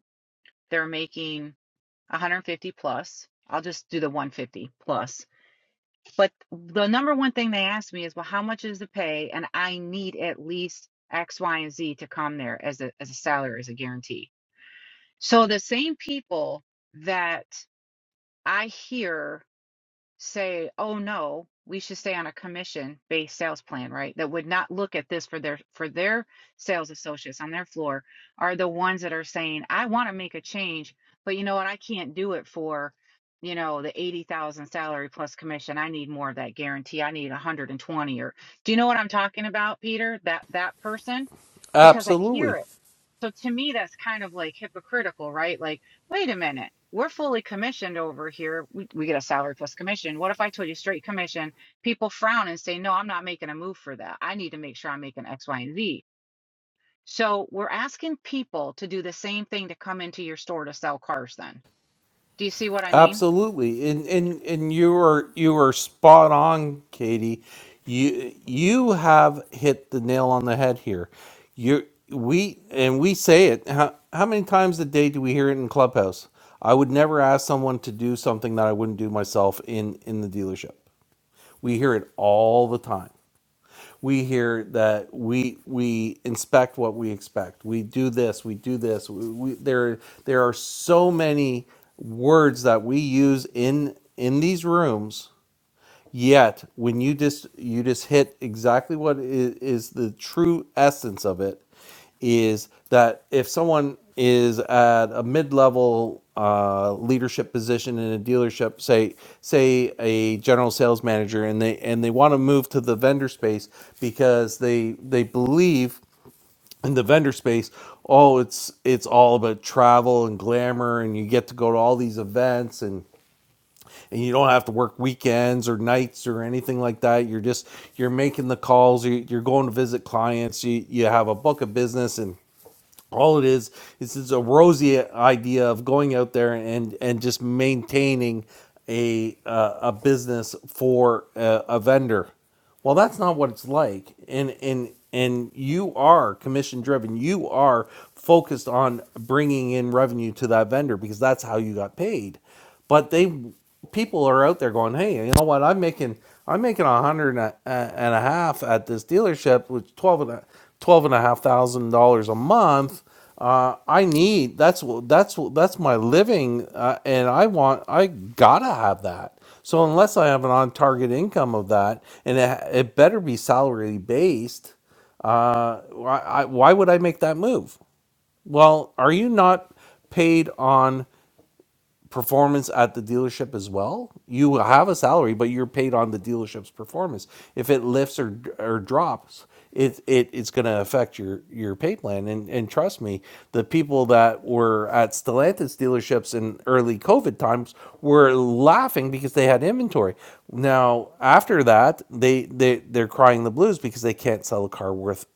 I: They're making 150 plus. I'll just do the 150 plus. But the number one thing they ask me is, well, how much is the pay? And I need at least X, Y, and Z to come there as a, as a salary, as a guarantee. So the same people that I hear say, "Oh no, we should stay on a commission-based sales plan," right? That would not look at this for their for their sales associates on their floor are the ones that are saying, "I want to make a change, but you know what? I can't do it for, you know, the 80,000 salary plus commission. I need more of that guarantee. I need 120 or Do you know what I'm talking about, Peter? That that person? Because I hear
B: absolutely
I: it. So to me, that's kind of like hypocritical, right? Like, wait a minute, we're fully commissioned over here. We, we get a salary plus commission. What if I told you straight commission? People frown and say, no, I'm not making a move for that. I need to make sure I'm making X, Y, and Z. So we're asking people to do the same thing to come into your store to sell cars then. Do you see what I mean?
B: Absolutely, and and and you are you are spot on, Katie. You you have hit the nail on the head here. You we and we say it. How, how many times a day do we hear it in Clubhouse? I would never ask someone to do something that I wouldn't do myself in in the dealership. We hear it all the time we hear that we we inspect what we expect. We do this. We do this. We, we, there there are so many words that we use in in these rooms Yet, when you just you just hit exactly what is, is the true essence of it, is that if someone is at a mid-level uh, leadership position in a dealership, say say a general sales manager, and they and they want to move to the vendor space because they they believe in the vendor space, oh, it's it's all about travel and glamour, and you get to go to all these events and and you don't have to work weekends or nights or anything like that you're just you're making the calls you- you're going to visit clients you, you have a book of business and all it is is it's a rosy idea of going out there and and just maintaining a uh, a business for a, a vendor well that's not what it's like and and and you are commission driven you are focused on bringing in revenue to that vendor because that's how you got paid but they people are out there going hey you know what i'm making i'm making a hundred and a half at this dealership which 12 and a, 12 and a half thousand dollars a month uh, i need that's wh- that's wh- that's my living uh, and i want i gotta have that so unless i have an on target income of that and it, it better be salary based uh, why, I, why would i make that move well are you not paid on performance at the dealership as well. You have a salary, but you're paid on the dealership's performance. If it lifts or or drops, it, it it's going to affect your your pay plan. And and trust me, the people that were at Stellantis dealerships in early COVID times were laughing because they had inventory. Now after that, they they they're crying the blues because they can't sell a car worth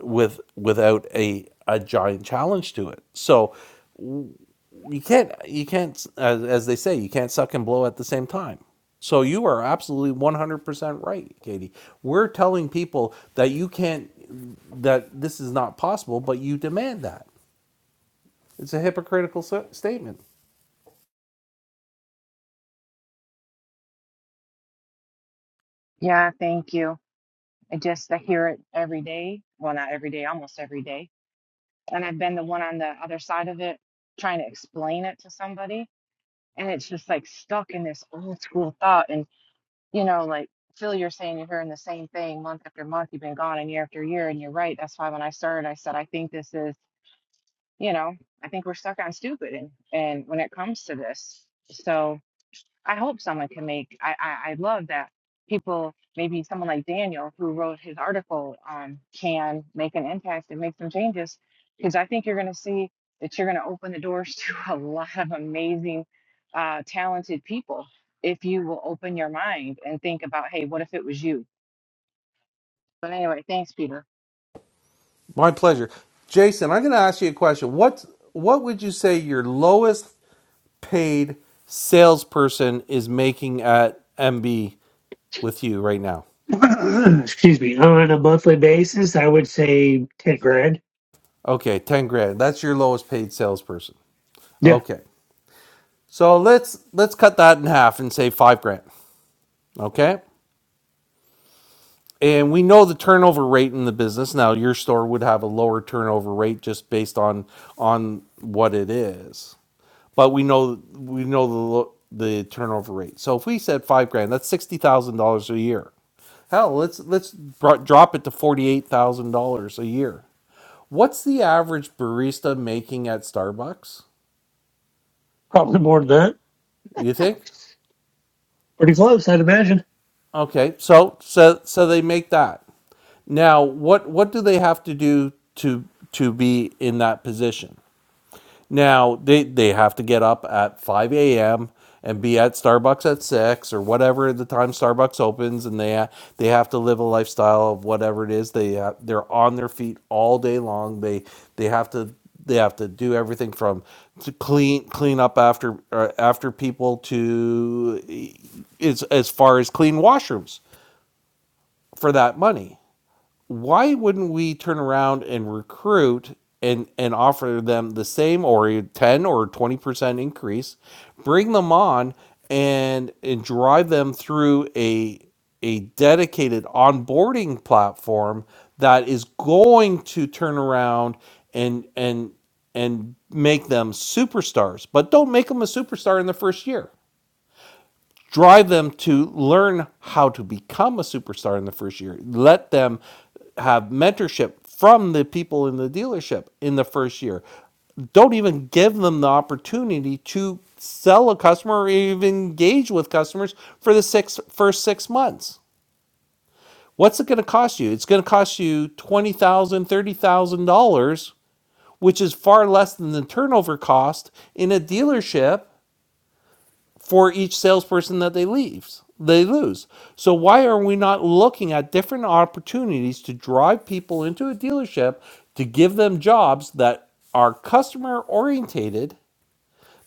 B: with without a a giant challenge to it. So you can't you can't as, as they say you can't suck and blow at the same time so you are absolutely 100% right katie we're telling people that you can't that this is not possible but you demand that it's a hypocritical s- statement
I: Yeah, thank you. I just I hear it every day. Well, not every day, almost every day. And I've been the one on the other side of it trying to explain it to somebody. and it's just like stuck in this old school thought and you know like phil you're saying you're hearing the same thing month after month you've been gone and year after year and you're right that's why when i started i said i think this is you know i think we're stuck on stupid and and when it comes to this so. I hope someone can make. I, I I love that people, maybe someone like Daniel who wrote his article, um, can make an impact and make some changes, because I think you're going to see that you're going to open the doors to a lot of amazing, uh, talented people if you will open your mind and think about, hey, what if it was you? But anyway, thanks, Peter.
B: my pleasure jason i'm going to ask you a question what what would you say your lowest paid salesperson is making at mb with you right now
H: Excuse me. On a monthly basis, I would say 10 grand.
B: okay 10 grand that's your lowest paid salesperson
H: Yeah,
B: okay So let's let's cut that in half and say five grand. Okay. And we know the turnover rate in the business. Now your store would have a lower turnover rate just based on on what it is. But we know we know the the turnover rate. So if we said five grand, that's sixty thousand dollars a year. Hell, let's let's drop it to forty eight thousand dollars a year. What's the average barista making at Starbucks?
H: probably more than that.
B: You think?
H: Pretty close, I'd imagine.
B: Okay, so so so they make that. Now, what what do they have to do to to be in that position? Now, they they have to get up at 5 a.m. and be at Starbucks at 6 or whatever the time Starbucks opens and they they have to live a lifestyle of whatever it is they ha- they're on their feet all day long. They they have to they have to do everything from to clean clean up after uh, after people to e, as as far as clean washrooms for that money why wouldn't we turn around and recruit and and offer them the same or 10 or 20% increase bring them on and and drive them through a a dedicated onboarding platform that is going to turn around and and and make them superstars but don't make them a superstar in the first year drive them to learn how to become a superstar in the first year. Let them have mentorship from the people in the dealership in the first year. Don't even give them the opportunity to sell a customer or even engage with customers for the six, first six months. What's it going to cost you? It's going to cost you $20,000, $30,000 which is far less than the turnover cost in a dealership for each salesperson that they leaves they lose. So why are we not looking at different opportunities to drive people into a dealership to give them jobs that are customer orientated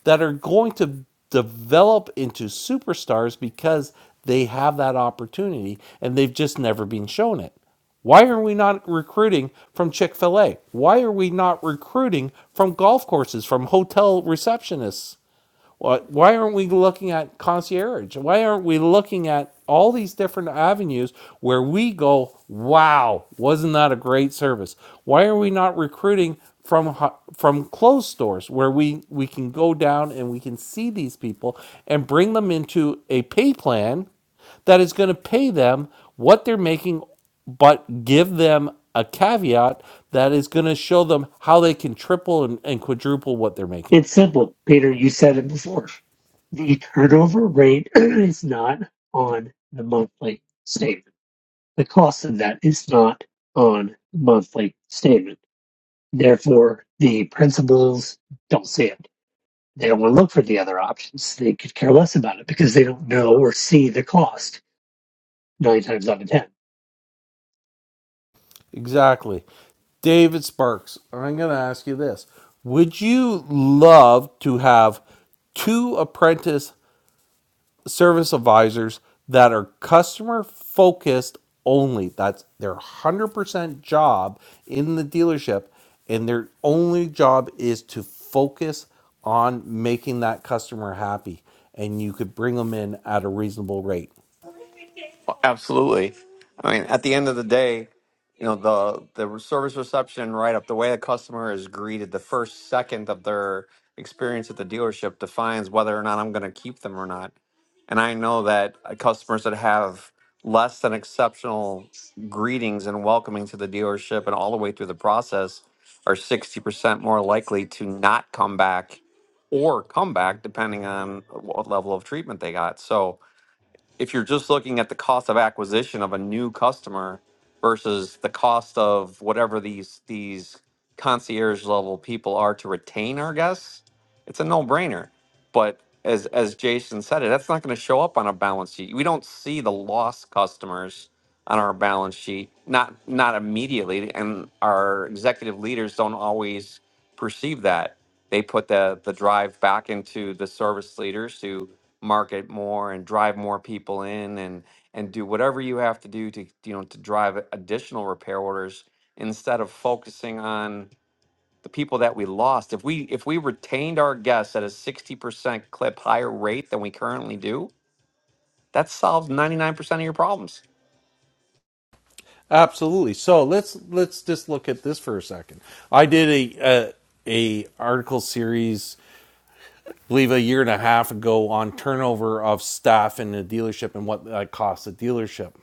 B: that are going to develop into superstars because they have that opportunity and they've just never been shown it. Why are we not recruiting from Chick fil A? Why are we not recruiting from golf courses, from hotel receptionists? Why aren't we looking at concierge? Why aren't we looking at all these different avenues where we go, wow, wasn't that a great service? Why are we not recruiting from from closed stores where we we can go down and we can see these people and bring them into a pay plan that is going to pay them what they're making, but give them a caveat that is going to show them how they can triple and, and quadruple what they're making.
H: It's simple, Peter. You said it before. The turnover rate is not on the monthly statement. The cost of that is not on the monthly statement. Therefore, the principals don't see it. They don't want to look for the other options. They could care less about it because they don't know or see the cost nine times out of ten.
B: Exactly. David Sparks, I'm going to ask you this. Would you love to have two apprentice service advisors that are customer focused only? That's their 100% job in the dealership, and their only job is to focus on making that customer happy, and you could bring them in at a reasonable rate.
A: Well, Absolutely. I mean, at the end of the day, you know, the the service reception right up the way a customer is greeted the first second of their experience at the dealership defines whether or not I'm going to keep them or not. And I know that uh, customers that have less than exceptional greetings and welcoming to the dealership and all the way through the process are 60% more likely to not come back or come back depending on what level of treatment they got. So, if you're just looking at the cost of acquisition of a new customer versus the cost of whatever these these concierge level people are to retain our guests, it's a no-brainer. But as as Jason said it, that's not going to show up on a balance sheet. We don't see the lost customers on our balance sheet, not not immediately, and our executive leaders don't always perceive that. They put the the drive back into the service leaders to market more and drive more people in and and do whatever you have to do to you know to drive additional repair orders instead of focusing on the people that we lost if we if we retained our guests at a 60% clip higher rate than we currently do that solves 99% of your problems
B: Absolutely. So let's let's just look at this for a second. I did a a, a article series, I believe a year and a half ago, on turnover of staff in a dealership and what that costs a dealership.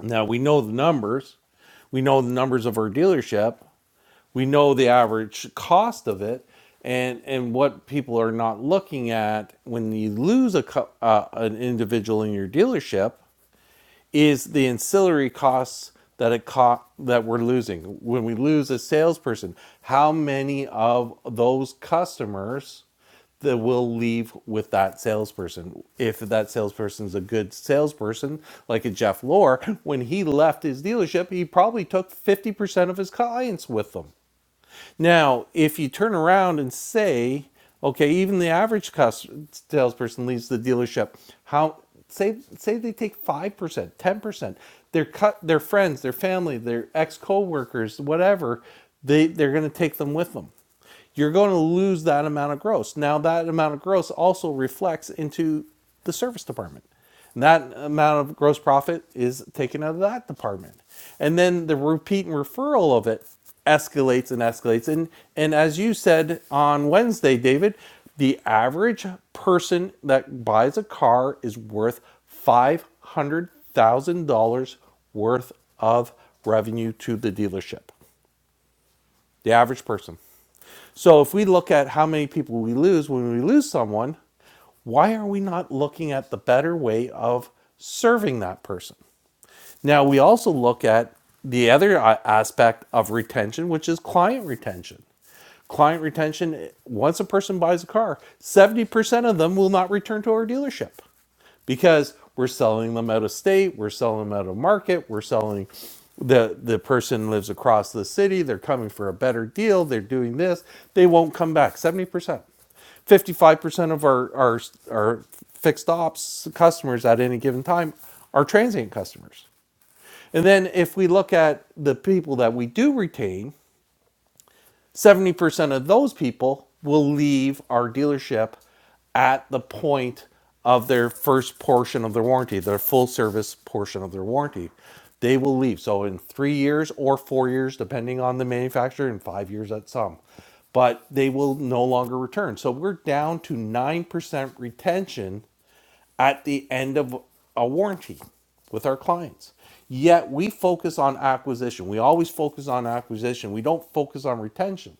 B: Now we know the numbers. We know the numbers of our dealership. We know the average cost of it, and and what people are not looking at when you lose a uh, an individual in your dealership is the ancillary costs that it co- that we're losing when we lose a salesperson how many of those customers that will leave with that salesperson if that salesperson is a good salesperson like a jeff lore when he left his dealership he probably took 50% of his clients with him now, if you turn around and say, okay, even the average cus- salesperson leaves the dealership, how say say they take five percent, ten percent, their cut, their friends, their family, their ex coworkers, whatever, they they're going to take them with them. You're going to lose that amount of gross. Now, that amount of gross also reflects into the service department. And that amount of gross profit is taken out of that department. And then the repeat and referral of it escalates and escalates. And, and as you said on Wednesday, David, the average person that buys a car is worth $500,000 worth of revenue to the dealership. The average person. So if we look at how many people we lose when we lose someone, why are we not looking at the better way of serving that person? Now, we also look at the other uh, aspect of retention, which is client retention. Client retention, once a person buys a car, 70% of them will not return to our dealership because we're selling them out of state, we're selling them out of market, we're selling the the person lives across the city, they're coming for a better deal, they're doing this, they won't come back. 70%. 55% of our our our fixed ops customers at any given time are transient customers. And then if we look at the people that we do retain, 70% of those people will leave our dealership at the point of their first portion of their warranty, their full service portion of their warranty. They will leave. So in three years or four years, depending on the manufacturer, and five years at some, but they will no longer return. So we're down to 9% retention at the end of a warranty with our clients. Yet we focus on acquisition. We always focus on acquisition. We don't focus on retention.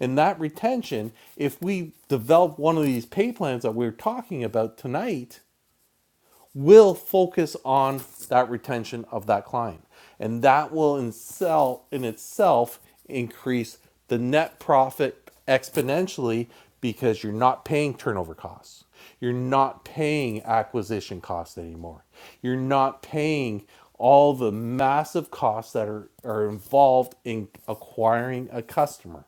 B: And that retention, if we develop one of these pay plans that we are talking about tonight, will focus on that retention of that client. And that will in, sell, in itself increase the net profit exponentially because you're not paying turnover costs. You're not paying acquisition costs anymore. You're not paying all the massive costs that are, are involved in acquiring a customer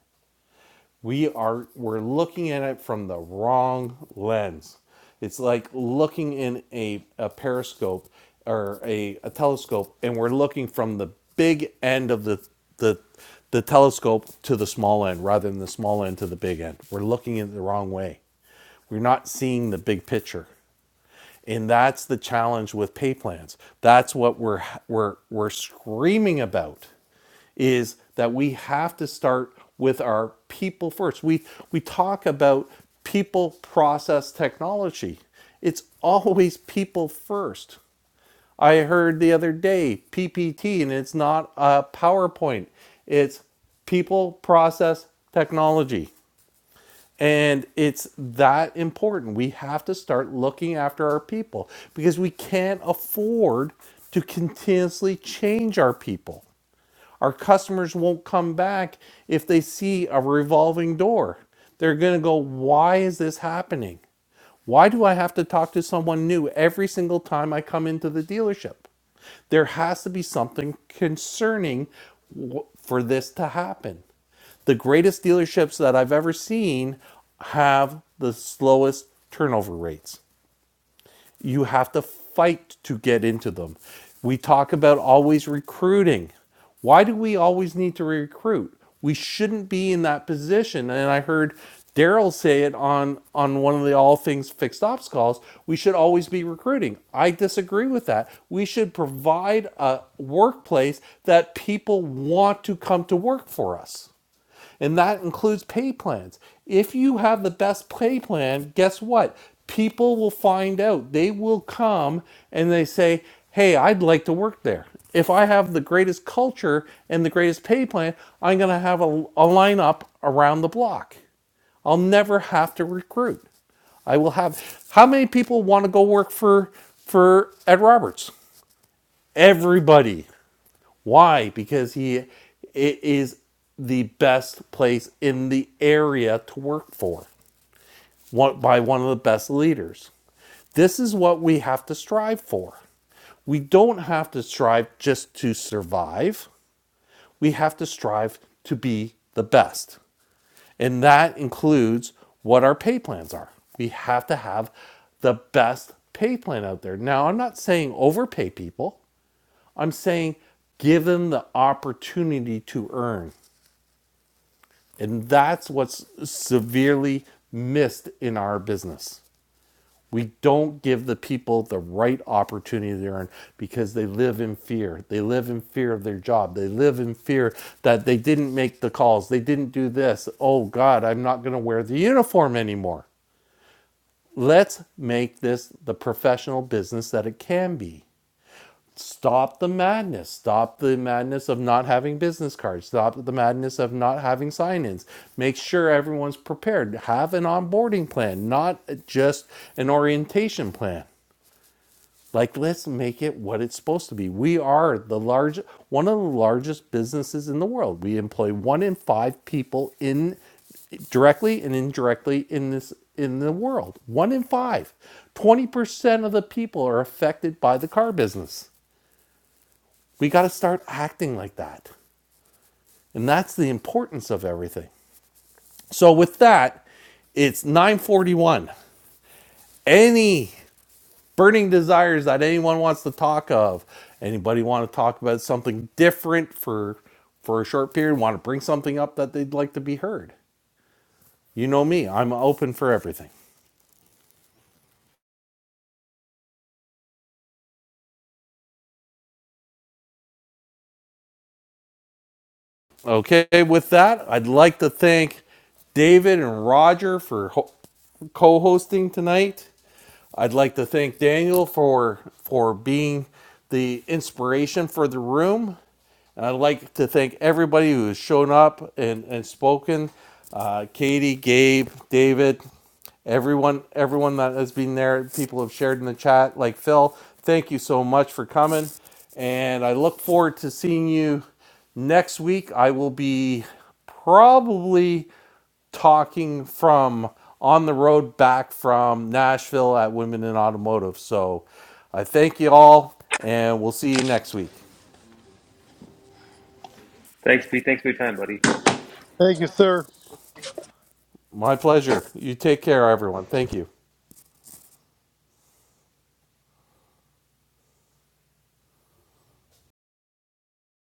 B: we are we're looking at it from the wrong lens it's like looking in a, a periscope or a, a telescope and we're looking from the big end of the, the the telescope to the small end rather than the small end to the big end we're looking in the wrong way we're not seeing the big picture and that's the challenge with pay plans that's what we're we're we're screaming about is that we have to start with our people first. We we talk about people, process, technology. It's always people first. I heard the other day PPT and it's not a PowerPoint. It's people, process, technology. And it's that important. We have to start looking after our people because we can't afford to continuously change our people. Our customers won't come back if they see a revolving door. They're going to go, why is this happening? Why do I have to talk to someone new every single time I come into the dealership? There has to be something concerning for this to happen. The greatest dealerships that I've ever seen have the slowest turnover rates you have to fight to get into them. We talk about always recruiting. Why do we always need to recruit? We shouldn't be in that position. And I heard Daryl say it on, on one of the All Things Fixed Ops calls. We should always be recruiting. I disagree with that. We should provide a workplace that people want to come to work for us and that includes pay plans. If you have the best pay plan, guess what? People will find out. They will come and they say, "Hey, I'd like to work there." If I have the greatest culture and the greatest pay plan, I'm going to have a, a lineup around the block. I'll never have to recruit. I will have how many people want to go work for for Ed Roberts? Everybody. Why? Because he it is the best place in the area to work for, one, by one of the best leaders. This is what we have to strive for. We don't have to strive just to survive. We have to strive to be the best. And that includes what our pay plans are. We have to have the best pay plan out there. Now, I'm not saying overpay people. I'm saying give them the opportunity to earn. And that's what's severely missed in our business. We don't give the people the right opportunity to earn because they live in fear. They live in fear of their job. They live in fear that they didn't make the calls. They didn't do this. Oh God, I'm not going to wear the uniform anymore. Let's make this the professional business that it can be. stop the madness stop the madness of not having business cards stop the madness of not having sign-ins make sure everyone's prepared have an onboarding plan not just an orientation plan like let's make it what it's supposed to be we are the large one of the largest businesses in the world we employ one in five people in directly and indirectly in this in the world one in five 20% of the people are affected by the car business we got to start acting like that. And that's the importance of everything. So with that, it's 941. Any burning desires that anyone wants to talk of, anybody want to talk about something different for for a short period, want to bring something up that they'd like to be heard. You know me, I'm open for everything. Okay, with that, I'd like to thank David and Roger for ho- co-hosting tonight. I'd like to thank Daniel for for being the inspiration for the room. And I'd like to thank everybody who has shown up and, and spoken. Uh, Katie, Gabe, David, everyone everyone that has been there people have shared in the chat like phil thank you so much for coming and i look forward to seeing you next week i will be probably talking from on the road back from nashville at women in automotive so i thank you all and we'll see you next week
L: Thanks, Pete. Thanks for your time, buddy.
M: Thank you, sir.
B: my pleasure you take care everyone thank you